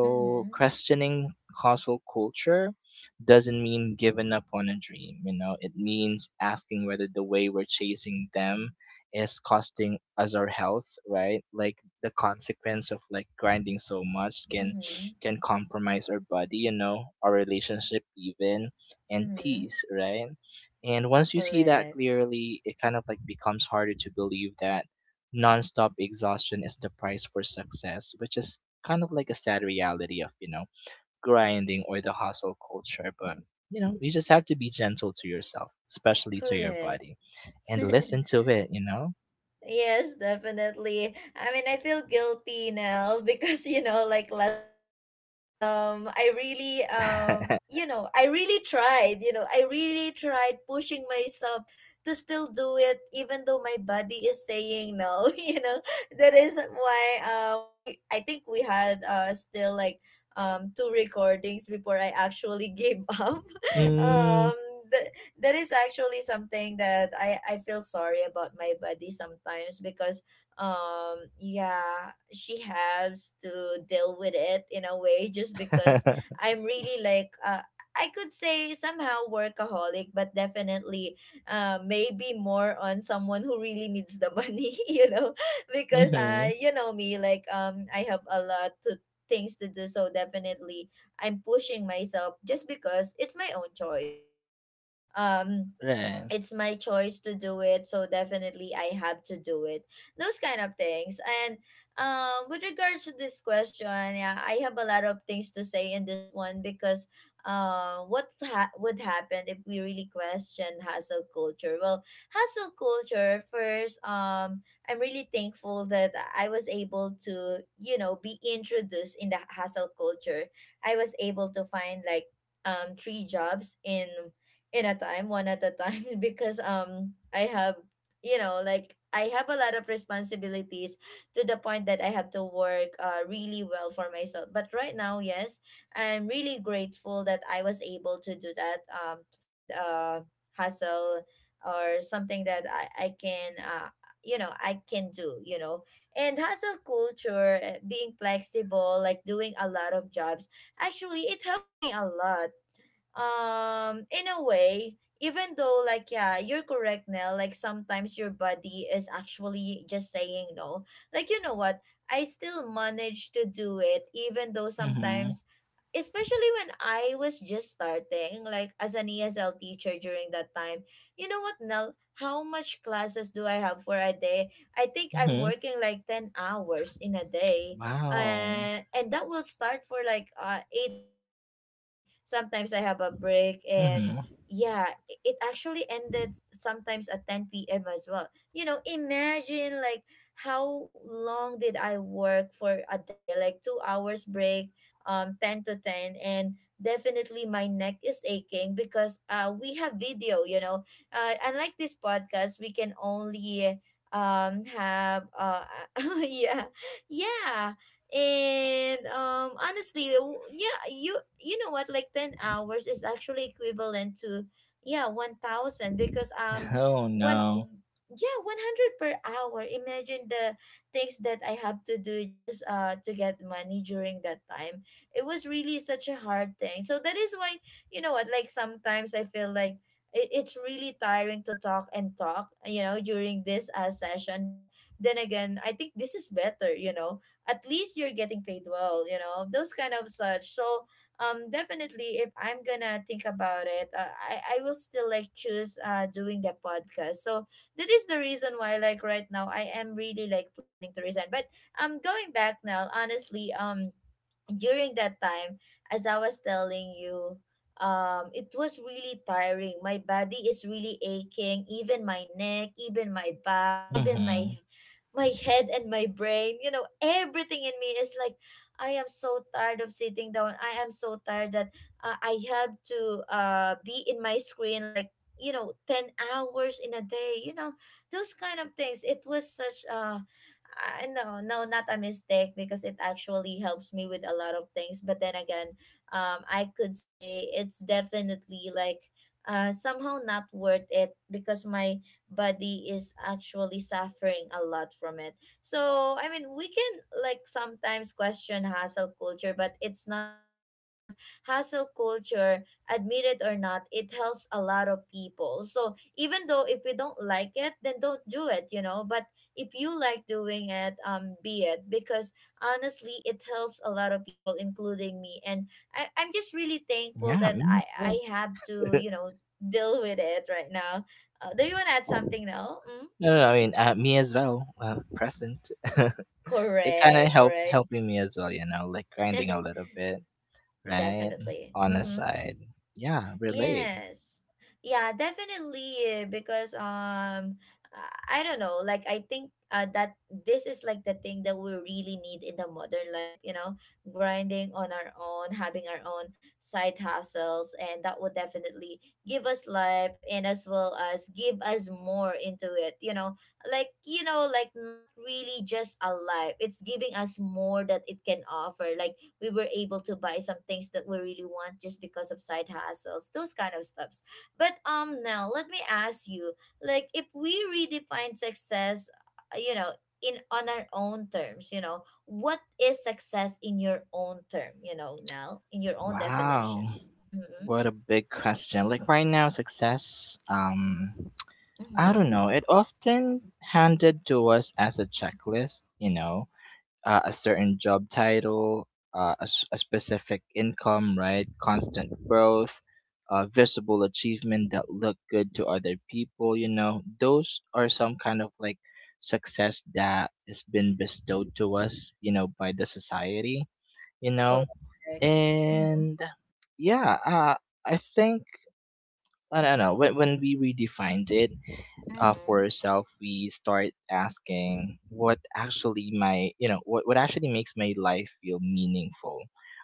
S1: Mm-hmm.
S2: questioning hustle culture doesn't mean giving up on a dream. You know, it means asking whether the way we're chasing them is costing us our health, right? Like the consequence of like grinding so much can
S1: Mm-hmm.
S2: compromise our body, you know, our relationship even, and
S1: Mm-hmm.
S2: peace, right? And once you see that
S1: Correct.
S2: clearly, it kind of like becomes harder to believe that nonstop exhaustion is the price for success, which is kind of like a sad reality of, you know, grinding or the hustle culture. But, you know, you just have to be gentle to yourself, especially to your
S1: Correct.
S2: body, and listen to it, you know?
S1: Yes, definitely. I mean, I feel guilty now because you know, like last night, I really, you know, I really tried. You know, I really tried pushing myself to still do it, even though my body is saying no. You know, that is why, we. I think we had, still like, two recordings before I actually gave up.
S2: Mm.
S1: Um, that is actually something that I feel sorry about my body sometimes because yeah she has to deal with it in a way just because I'm really like I could say somehow workaholic but definitely maybe more on someone who really needs the money you know because
S2: Mm-hmm.
S1: you know me like I have a lot to things to do so definitely I'm pushing myself just because it's my own choice, you know, like um
S2: Right.
S1: it's my choice to do it so definitely I have to do it those kind of things and with regards to this question yeah I have a lot of things to say in this one because would happen if we really question hustle culture well hustle culture first I'm really thankful that I was able to you know be introduced in the hustle culture I was able to find like three jobs in a time, one at a time, because I have you know like I have a lot of responsibilities to the point that I have to work really well for myself. But right now, yes, I'm really grateful that I was able to do that. To find a hustle or something that I can you know I can do. You know, and hustle culture, being flexible, like doing a lot of jobs actually it helps me a lot in a way even though like yeah you're correct Nell like sometimes your body is actually just saying no like you know what I still manage to do it even though
S2: Mm-hmm.
S1: sometimes especially when I was just starting like as an ESL teacher during that time you know what Nell how much classes do I have for a day I think I'm
S2: Mm-hmm.
S1: working like 10 hours in a day,
S2: Wow.
S1: and that will start for like 8 a.m. and Sometimes I have a break and
S2: Mm-hmm.
S1: yeah, it actually ended sometimes at 10 p.m. as well. You know, imagine like how long did I work for a day? Like 2 hours break, 10 to 10. And definitely my neck is aching because we have video, you know. Unlike this podcast, we can only have yeah. Yeah. And honestly, yeah, you know what, like 10 hours is actually equivalent to, yeah, 1000, because
S2: Oh,
S1: one,
S2: no.
S1: yeah, 100 per hour. Imagine the things that I have to do just to get money during that time. It was really such a hard thing. So that is why, you know what, like sometimes I feel like it's really tiring to talk and talk, during this session. But then again, I think this is better, you know, at least you're getting paid well, you know, those kind of such. So definitely, if I'm gonna think about it, I will still like choose doing the podcast. So that is the reason why, like, right now I am really like planning to resign. But going back now, honestly, during that time, as I was telling you, it was really tiring. My body is really aching, even my neck, even my back, even
S2: Mm-hmm.
S1: my my head and my brain. You know, everything in me is like, I am so tired of sitting down. I am so tired that I have to be in my screen like, you know, 10 hours in a day, you know, those kind of things. It was such a I no, no, not a mistake, because it actually helps me with a lot of things. But then again, I could say it's definitely like somehow not worth it, because my body is actually suffering a lot from it. So, I mean, we can like sometimes question hassle culture, but it's not gonna help, because hassle culture, admit it or not, it helps a lot of people. So even though, if we don't like it, then don't do it, you know. But if you like doing it, be it, because honestly, it helps a lot of people, including me. And I'm just really thankful
S2: Yeah,
S1: that
S2: me as
S1: I,
S2: well.
S1: I have to, you know, deal with it right now. Do you want to add something now? Mm-hmm.
S2: No, no, I
S1: Mm-hmm.
S2: mean, me as well. Present. It kind of
S1: Correct, right?
S2: helping me as well, you know, like grinding a little bit, right?
S1: Definitely.
S2: On a
S1: Mm-hmm.
S2: side. Yeah, relate.
S1: Yes. Yeah, definitely, because I don't know, like I think that this is like the thing that we really need in the modern life, you know, grinding on our own, having our own side hustles, and that would definitely give us life, and as well as give us more into it, you know. Like, you know, like, not really just a life. It's giving us more that it can offer. Like we were able to buy some things that we really want, just because of side hustles, those kind of stuffs. But now let me ask you, like, if we redefine success, you know, in on our own terms, you know, what is success in your own term, you know, now, in your own
S2: Wow.
S1: definition? Mm-hmm.
S2: What a big question. Like right now success, I
S1: Mm-hmm.
S2: don't know, it often handed to us as a checklist, you know, a certain job title, a specific income, right? Constant growth, visible achievement that look good to other people. You know, those are some kind of like success that has been bestowed to us, you know, by the society, you know,
S1: Correct. Mm-hmm.
S2: and yeah, uh, I think, I don't know, when we redefined it,
S1: Mm-hmm.
S2: for ourselves, we start asking what actually my, you know, what actually makes my life feel meaningful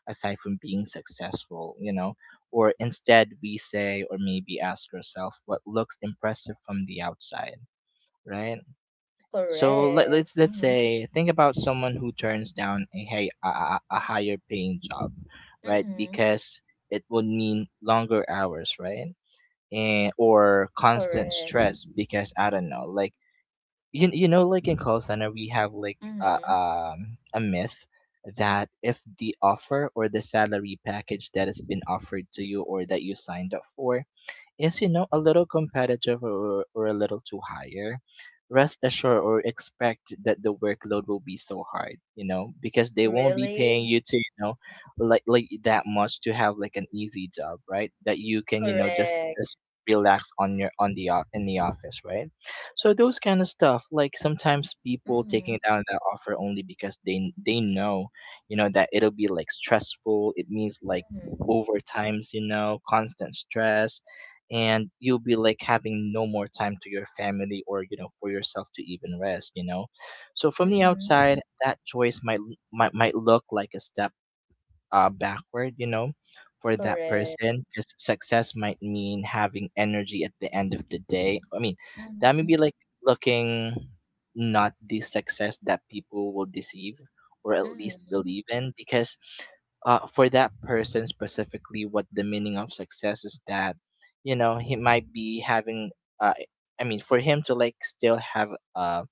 S2: aside from being successful, you know, or instead we say, or maybe ask ourselves what looks impressive from the outside, right? So
S1: Correct.
S2: let's
S1: Mm-hmm.
S2: say, think about someone who turns down a, hi- a higher paying job, right?
S1: Mm-hmm.
S2: Because it would mean longer hours, right? And, or constant
S1: Correct.
S2: stress because I don't know, like you know like in call center we have like
S1: Mm-hmm.
S2: a myth that if the offer or the salary package that has been offered to you or that you signed up for is you know a little competitive, or a little too higher, rest assured or expect that the workload will be so hard, you know, because they won't be paying
S1: Really?
S2: you to, you know, like that much to have like an easy job, right? That you can you know just
S1: Correct.
S2: just relax on your on the o- in the office, right? So those kind of stuff, like sometimes people taking
S1: Mm-hmm.
S2: down that offer only because they know, you know, that it'll be like stressful. It means like
S1: Mhm.
S2: overtimes, you know, constant stress, and you'll be like having no more time to your family, or you know, for yourself to even rest, you know. So from the
S1: Mhm.
S2: outside, that choice might look like a step backward, you know, for that
S1: Correct.
S2: person. Because success might mean having energy at the end of the day. I mean, that may be
S1: Mhm.
S2: like looking not the success that people will deceive, or at least
S1: Mhm.
S2: believe in. Because for that person specifically, what the meaning of success is that, you know, he might be having, uh, I mean, for him to like still have uh,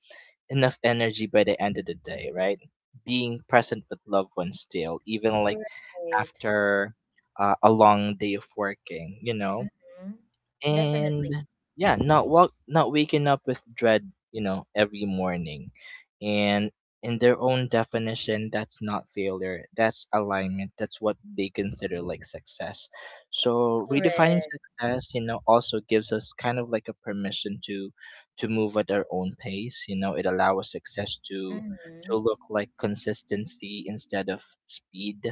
S2: enough energy by the end of the day, right? Being present with loved ones still, even like
S1: Right.
S2: after a long day of working, you know?
S1: Mhm.
S2: And
S1: Definitely.
S2: yeah, not waking up with dread, you know, every morning. And in their own definition, that's not failure. That's alignment. That's what they consider like success. So redefining
S1: Correct.
S2: success, you know, also gives us kind of like a permission to move at our own pace. You know, it allows success to
S1: Mhm.
S2: look like consistency instead of speed,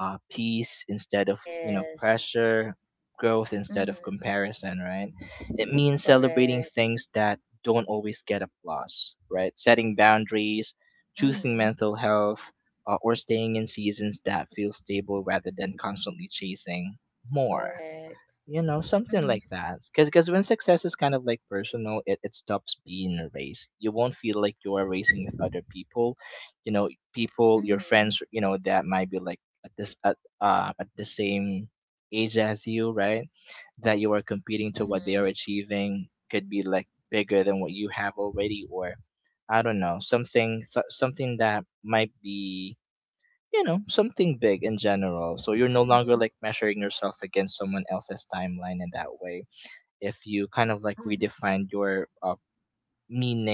S2: peace instead of you know
S1: Yes.
S2: pressure, growth instead of
S1: Mhm.
S2: comparison, right? It means celebrating
S1: Correct.
S2: things that don't always get applause, right? Setting boundaries, choosing
S1: Mhm.
S2: mental health, or staying in seasons that feel stable rather than constantly chasing more.
S1: Correct.
S2: You know, something
S1: Mhm.
S2: like that. Because when success is kind of like personal, it stops being a race. You won't feel like you are racing with other people. You know, people, your
S1: Mhm.
S2: friends, you know, that might be like at this at the same age as you, right? That you are competing to what they
S1: Mhm.
S2: are achieving could be like bigger than what you have already, or I don't know, something that might be you know something big in general. So you're no longer
S1: Mhm.
S2: like measuring yourself against someone else's timeline in that way. If you
S1: Correct.
S2: kind of like
S1: Mhm.
S2: redefine your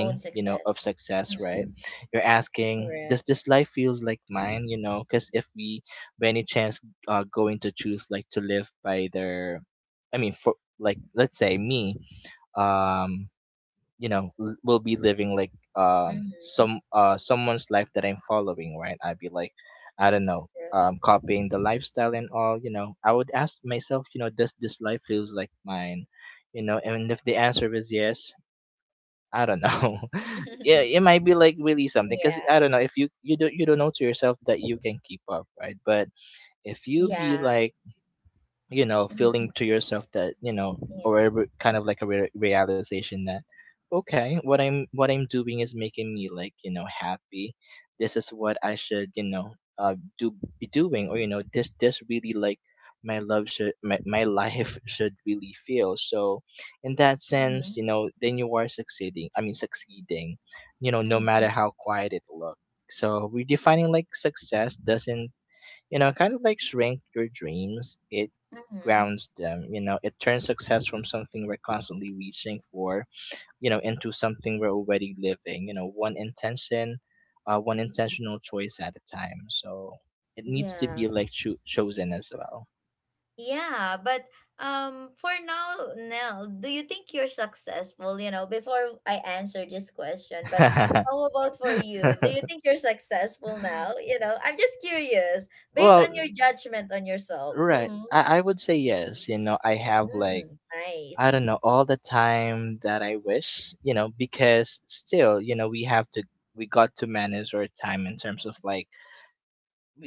S1: Own
S2: you know, of
S1: success.
S2: success, right?
S1: Mhm.
S2: You're asking, does
S1: Correct.
S2: this life feels like mine? You know, because if we, by any chance, are going to choose like to live by their, I mean, for like let's say me, um, you know, will be living like
S1: Mhm.
S2: someone's life that I'm following, right? I'd be like, I don't know,
S1: Correct.
S2: copying the lifestyle and all, you know. I would ask myself, you know, does this life feels like mine? You know, and if the answer is yes, I don't know. Yeah, it might be like really something, because
S1: Yeah.
S2: I don't know, if you don't know to yourself that you can keep up, right? But if you be
S1: Yeah.
S2: like, you know, feeling
S1: Mhm.
S2: to yourself that you know,
S1: Yeah.
S2: or kind of like realization that okay, what I'm doing is making me like you know happy, this is what I should you know do, be doing, or you know this this really like my life should really feel so in that sense,
S1: Mhm.
S2: you know, then you are succeeding. I mean succeeding, you know, no matter
S1: Mhm.
S2: how quiet it looks. So redefining like success doesn't, you know, kind of like shrink your dreams. It
S1: Mhm.
S2: grounds them, you know, it turns success from something we're constantly reaching for, you know, into something we're already living, you know, one intention, one intentional choice at a time. So it needs to
S1: Yeah.
S2: be like chosen as well.
S1: Yeah, but for now, Nell, do you think you're successful? You know, before I answer this question, but how about for you? Do you think you're successful now? You know, I'm just curious based
S2: Well,
S1: on your judgment on yourself.
S2: right.
S1: Mm-hmm.
S2: I would say yes. You know, I have like,
S1: Mm,
S2: I
S1: nice.
S2: don't know, all the
S1: Mm-hmm.
S2: time that I wish, you know, because still, you know, we have to, we got to manage our time in terms of like,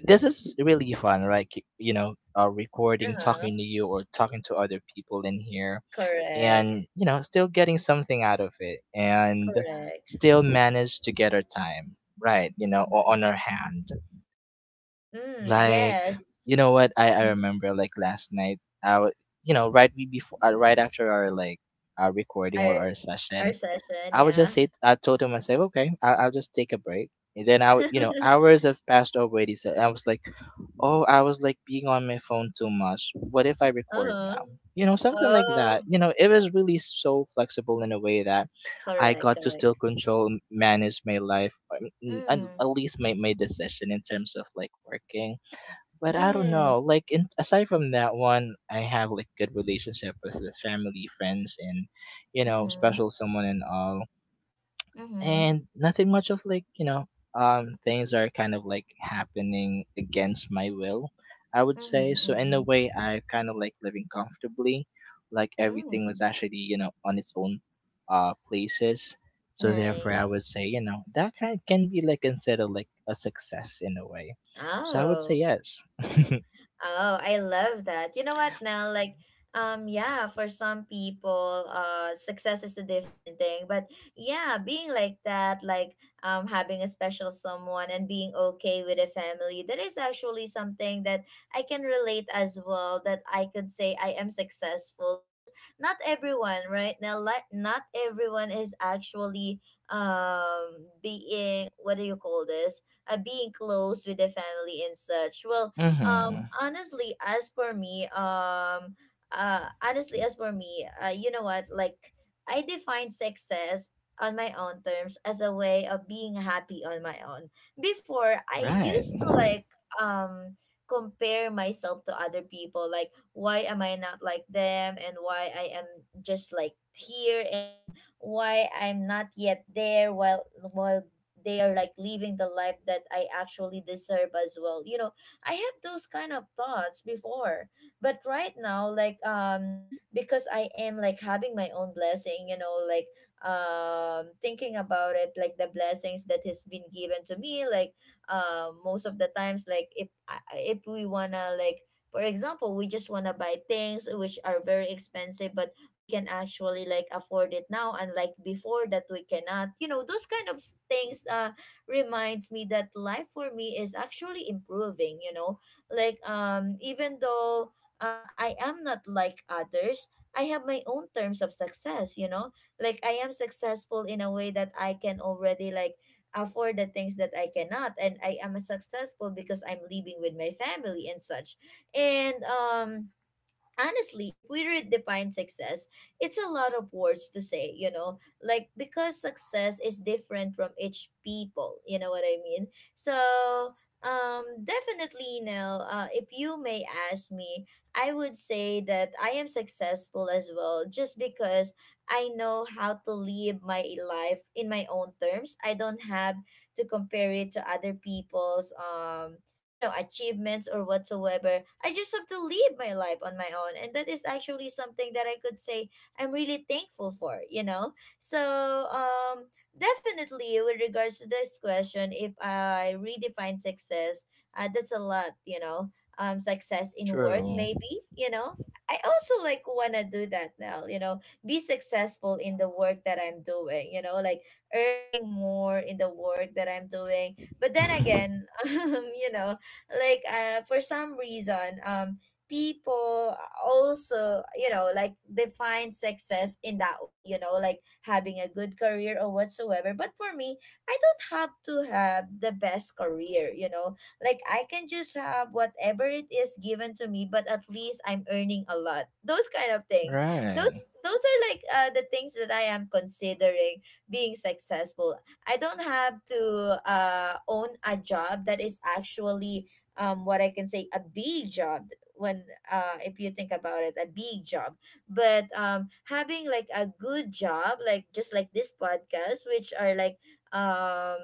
S2: this is really fun right recording
S1: Uh-huh.
S2: talking to you or talking to other people in here.
S1: Correct.
S2: And you know still getting something out of it and
S1: Correct.
S2: still manage to get our time right, you know,
S1: Mm-hmm.
S2: on our hand.
S1: Mm,
S2: Like, you
S1: yes.
S2: know what, I
S1: Mm-hmm.
S2: remember like last night I would, you know, right, we before right after our like our recording
S1: Our
S2: or our
S1: our
S2: session.
S1: session,
S2: I would just
S1: yeah.
S2: say, I told him, I said, okay, I'll just take a break. And then you know, hours have passed already, so I was like, oh, I was like being on my phone too much. What if I record
S1: Uh-huh.
S2: now? You know, something like
S1: Oh,
S2: that. You know, it was really so flexible in a way that I
S1: correct,
S2: got to still
S1: correct.
S2: control, manage my life, and at
S1: Mm.
S2: least my decision in terms of like working. But I don't know,
S1: Yes.
S2: like, in, aside from that one, I have like good relationship with family, friends, and, you know,
S1: Mm-hmm.
S2: special someone and all.
S1: Mm-hmm.
S2: And nothing much of like, you know, things are kind of like happening against my will. I would say
S1: Mm-hmm.
S2: so in a
S1: Mm-hmm.
S2: way I kind of like living comfortably. Like everything was
S1: Mm.
S2: actually, you know, on its own, places. So therefore I would
S1: Nice.
S2: say, you know, that kind can be like considered like a success in a way. So I would say
S1: Oh,
S2: yes.
S1: Oh, I love that. You know what, Nell? Like, yeah, for some people, success is a different thing. But yeah, being like that, like, having a special someone and being okay with a family, that is actually something that I can relate as well. That I could say I am successful, because not everyone, right, Nell? Like, not everyone is actually, being, what do you call this? Being close with the family and such. Um,
S2: Mm-hmm.
S1: honestly, as for me, um, Honestly, as for me, you know what? Like, I define success on my own terms as a way of being happy on my own. Before, I
S2: Right.
S1: used to like um compare myself to other people. Like, why am I not like them, and why I am just like here, and why I'm not yet there, while they are like living the life that I actually deserve as well. You know, I have those kind of thoughts before, but right now, like, because I am like having my own blessing, you know, like, thinking about it, like the blessings that has been given to me, like, most of the times, like if if we wanna like. For example, we just want to buy things which are very expensive, but we can actually like afford it now, unlike before that we cannot. You know, those kind of things. Reminds me that life for me is actually improving, you know. Like even though I am not like others, I have my own terms of success, you know. Like I am successful in a way that I can already like afford the things that I cannot, and I am successful because I'm living with my family and such. And honestly, if we redefine success, it's a lot of words to say, you know, like, because success is different from each people, you know what I mean? So, definitely, Nell, if you may ask me, I would say that I am successful as well, just because I know how to live my life in my own terms. I don't have to compare it to other people's you know achievements or whatsoever. I just have to live my life on my own, and that is actually something that I could say I'm really thankful for, you know. So definitely, with regards to this question, if I redefine success, that's a lot, you know. Um, success in work
S2: True.
S1: maybe, you know, I also like want to do that now, you know, be successful in the work that I'm doing, you know, like earning more in the work that I'm doing, but then again you know, like, for some reason, people also, you know, like define success in that way, you know, like having a good career or whatsoever. But for me, I don't have to have the best career, you know. Like I can just have whatever it is given to me, but at least I'm earning a lot, those kind of things.
S2: Right.
S1: Those are like the things that I am considering being successful. I don't have to own a job that is actually what I can say a big job. When if you think about it, a big job. But having like a good job, like just like this podcast, which are like, um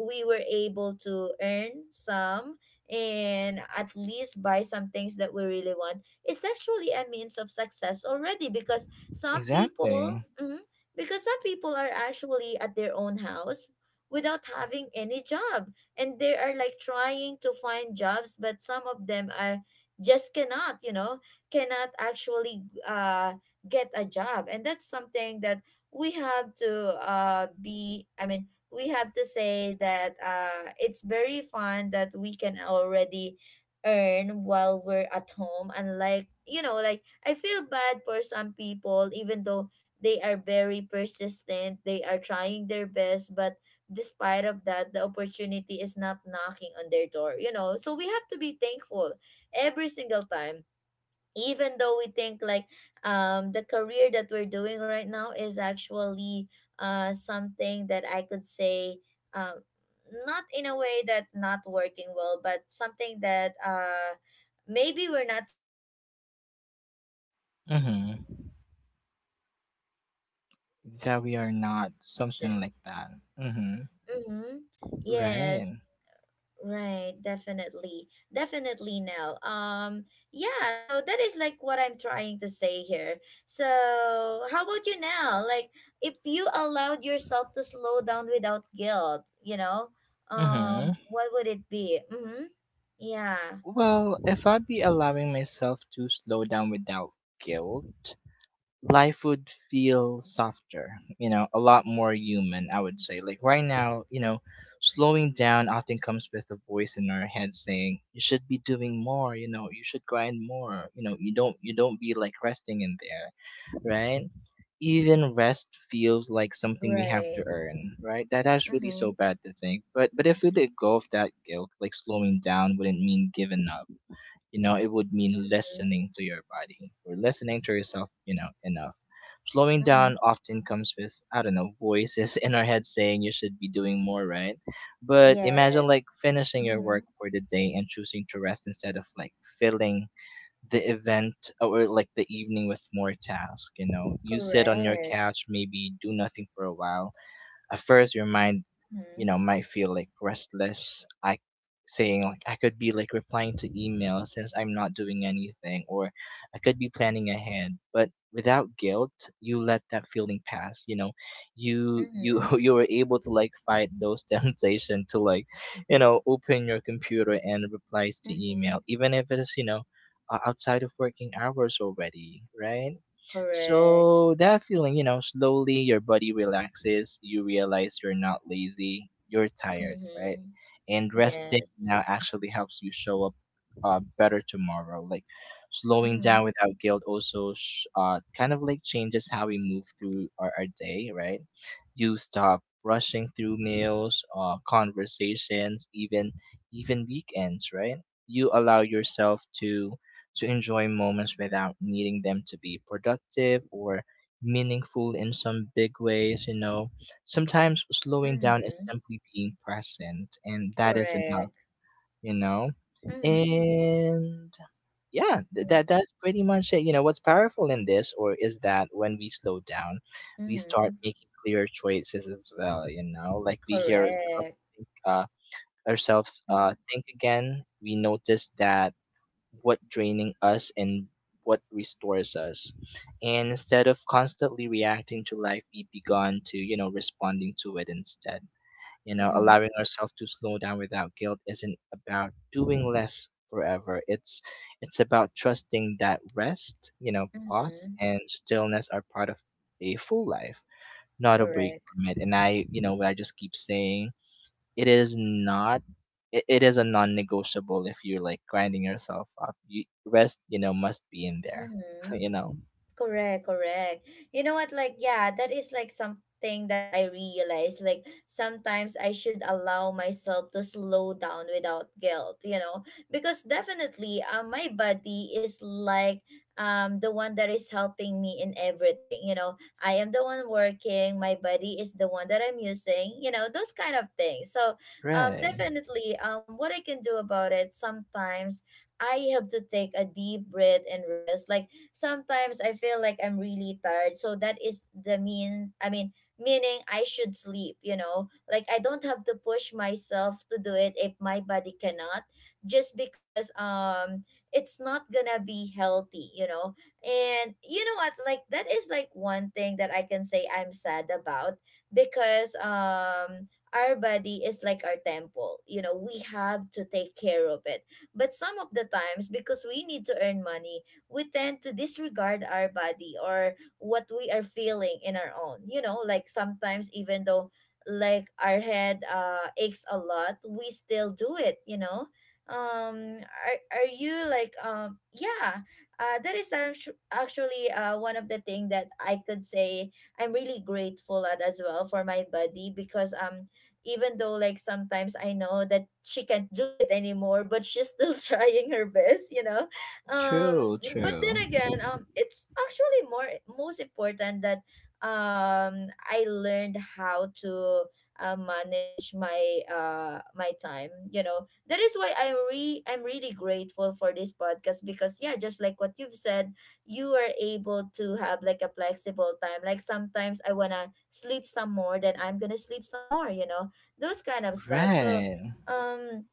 S1: we were able to earn some, and at least buy some things that we really want. It's actually a means of success already, because some people,
S2: Exactly.
S1: mhm, because some people are actually at their own house without having any job, and they are like trying to find jobs, but some of them are just cannot, you know, cannot actually get a job. And that's something that we have to be, I mean, we have to say that it's very fun that we can already earn while we're at home. And like, you know, like I feel bad for some people, even though they are very persistent, they are trying their best, but despite of that, the opportunity is not knocking on their door, you know. So we have to be thankful every single time, even though we think like the career that we're doing right now is actually something that I could say, um not in a way that not working well, but something that maybe we're not satisfied yet. But remember, some
S2: Mm-hmm.
S1: people are actually wishing that they could have
S2: That we
S1: been
S2: are
S1: in our
S2: not something
S1: position.
S2: like that. Mm-hmm.
S1: Mm-hmm.
S2: Right.
S1: Yes, right, definitely. Definitely, Nell. Yeah, so that is like what I'm trying to say here. So, how about you now? Like, if you allowed yourself to slow down without guilt, you know,
S2: Mm-hmm.
S1: what would it be? Mm-hmm. Yeah,
S2: Well, if I'd be allowing myself to slow down without guilt, life would feel softer, you know, a lot more human, I would say. Like right now, you know, slowing down often comes with a voice in our head saying, You should be doing more, you know, you should grind more, you know, you don't be like resting in there. Right? Even rest feels like something we have to
S1: right.
S2: earn, right? That that's really
S1: Mm-hmm.
S2: so bad to think. But if we let go of that guilt, like slowing down wouldn't mean giving up. You know, it would mean
S1: Mm-hmm.
S2: listening to your body or listening to yourself, you know, enough. Slowing down
S1: Mm-hmm.
S2: often comes with, I don't know, voices in our head saying you should be doing more, right? But imagine
S1: Yes.
S2: like finishing your
S1: Mm-hmm.
S2: work for the day and choosing to rest instead of like feeling the event, or like the evening with more tasks. You know, you sit on your
S1: Correct.
S2: couch, maybe do nothing for a while. At first your mind, you
S1: Mm-hmm.
S2: know, might feel like restless, I saying like I could be like replying to emails since I'm not doing anything, or I could be planning ahead. But without guilt, you let that feeling pass, you know. You
S1: Mm-hmm.
S2: you were able to like fight those temptation to like, you know, open your computer and replies to
S1: Mm-hmm.
S2: email, even if it is, you know, outside of working hours already, right?
S1: Correct.
S2: So that feeling, you know, slowly your body relaxes, you realize you're not lazy, you're tired, right?
S1: Mm-hmm.
S2: And resting
S1: Yes.
S2: now actually helps you show up better tomorrow. Like slowing
S1: Mm-hmm.
S2: down without guilt also kind of like changes how we move through our day, right? You stop rushing through meals, conversations, even weekends, right? You allow yourself to enjoy moments without needing them to be productive or meaningful in some big ways, you know. Sometimes slowing down
S1: Mm-hmm.
S2: is simply being present, and that is
S1: Correct.
S2: enough, you know.
S1: Mm-hmm.
S2: And yeah, th-
S1: Yeah.
S2: that that's pretty much it. You know, what's powerful in this or is that when we slow down, we
S1: Mm-hmm.
S2: start making clearer choices as well, you know, like we hear
S1: Correct.
S2: think, uh, ourselves
S1: Mm-hmm.
S2: think again. We notice that what draining us and what restores us. And instead of constantly reacting to life, we've begun to, you know, responding to it instead. You know,
S1: Mm-hmm.
S2: allowing ourselves to slow down without guilt isn't about doing less forever. It's about trusting that rest, you know, pause
S1: Mm-hmm.
S2: and stillness are part of a full life, not a break
S1: Correct.
S2: from it. And I, you know, what I just keep saying, it is not, it, it is a non-negotiable. If you're like grinding yourself up, you, rest, you know, must be in there.
S1: Mm-hmm.
S2: You know,
S1: Correct, correct. You know what? Like, yeah, that is like something that I realize. Like, sometimes I should allow myself to slow down without guilt, you know, because definitely my body is like the one that is helping me in everything. You know, I am the one working, my body is the one that I'm using, you know, those kind of things. So,
S2: right.
S1: definitely, what I can do about it sometimes. I have to take a deep breath and rest. Like sometimes I feel like I'm really tired. So that is the mean, I mean, meaning I should sleep, you know? Like I don't have to push myself to do it if my body cannot, just because it's not gonna be healthy, you know? And you know what? Like that is like one thing that I can say I'm sad about because our body is like our temple, you know, we have to take care of it, but some of the times, because we need to earn money, we tend to disregard our body or what we are feeling in our own. You know, like sometimes even though like our head aches a lot, we still do it, you know? Are you like yeah, that is actually one of the thing that I could say I'm really grateful at as well for my body because even though like sometimes I know that she can't do it anymore, but she's still trying her best, you know. um
S2: True,
S1: but then
S2: true.
S1: again, it's actually more most important that I learned how to manage my my time, you know. That is why I'm really grateful for this podcast because yeah, just like what you've said, you are able to have like a flexible time. Like sometimes I wanna sleep some more, then I'm gonna sleep some more, you know, those kind of stuff. So
S2: Right.
S1: um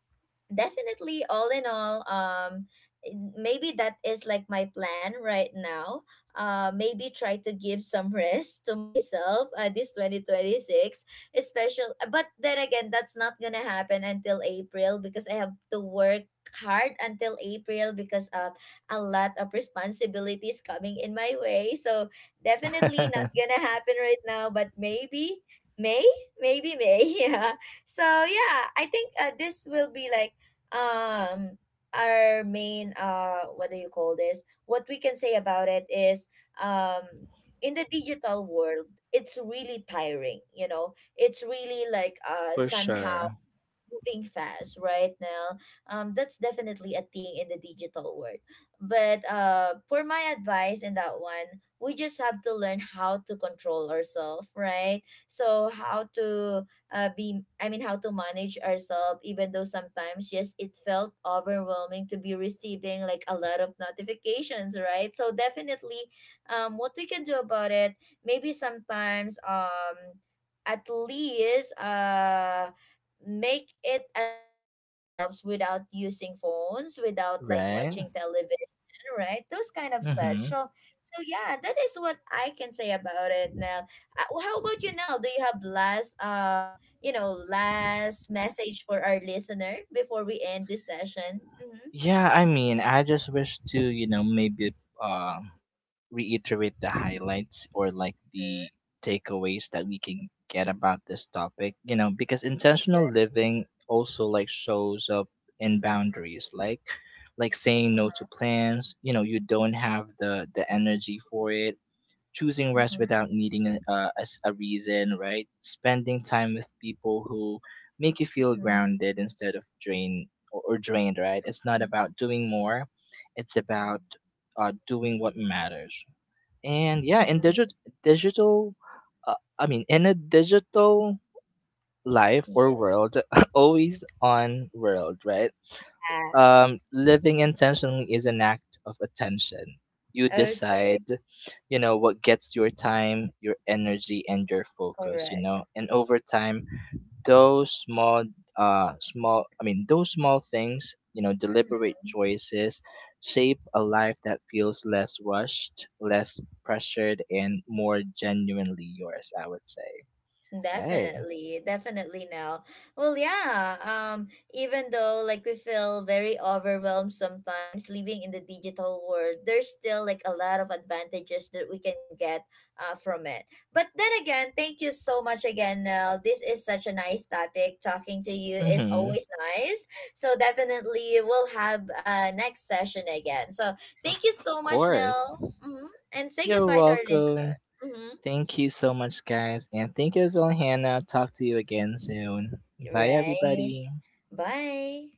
S1: definitely, all in all, maybe that is like my plan right now. Maybe try to give some rest to myself, this 2026 especially. But then again, that's not gonna happen until april because I have to work hard until april because of a lot of responsibilities coming in my way. So definitely not gonna happen right now, but maybe may, maybe may, yeah. So yeah, I think, this will be like um our main what do you call this, what we can say about it is, um in the digital world it's really tiring, you know. It's really like
S2: For
S1: somehow
S2: sure.
S1: moving fast right now. That's definitely a thing in the digital world. But for my advice in that one, we just have to learn how to control ourselves, right? So how to how to manage ourselves, even though sometimes, yes, it felt overwhelming to be receiving like a lot of notifications, right? So definitely, what we can do about it, maybe sometimes, at least, make it a time for ourselves without using phones, without like
S2: Right.
S1: watching television, right? Those kind of such.
S2: Mm-hmm.
S1: So, so yeah, that is what I can say about it, Nell. Well, how about you, Nell? Do you have last, you know, last message for our listener before we end this session? Mm-hmm.
S2: Yeah, I mean, I just wish to, you know, maybe uh, reiterate the highlights or like the
S1: Mm-hmm.
S2: takeaways that we can get about this topic, you know, because intentional living also like shows up in boundaries, like saying no
S1: Mm-hmm.
S2: to plans, you know, you don't have the energy for it, choosing rest
S1: Mm-hmm.
S2: without needing a reason, right? Spending time with people who make you feel
S1: Mm-hmm.
S2: grounded instead of drained, or drained, right? It's not
S1: Mm-hmm.
S2: about doing more, it's about doing what matters. And yeah, in
S1: Mm-hmm.
S2: digital, in a digital life or
S1: Yes.
S2: world, always on world, right?
S1: Ah,
S2: Living intentionally is an act of attention. You
S1: okay,
S2: decide, you know, what gets your time, your energy, and your focus, you
S1: correct.
S2: know, and over time, those small, those small things, you know, deliberate choices shape a life that feels less rushed, less pressured, and more genuinely yours, I would say. Right.
S1: Definitely, definitely now. Well, yeah. Even though like we feel very overwhelmed sometimes living in the digital world, there's still like a lot of advantages that we can get from it. But then again, thank you so much again, Nell. This is such a nice topic. Talking to you is
S2: Mm-hmm.
S1: always nice. So definitely we'll have next session again. So thank you
S2: Of
S1: so much,
S2: course.
S1: Nell. Mm-hmm. And say
S2: You're
S1: goodbye to our
S2: welcome.
S1: listener. Mm-hmm.
S2: Thank you so much, guys. And thank you as well, Hannah. Talk to you again soon. Bye,
S1: Right.
S2: everybody.
S1: Bye.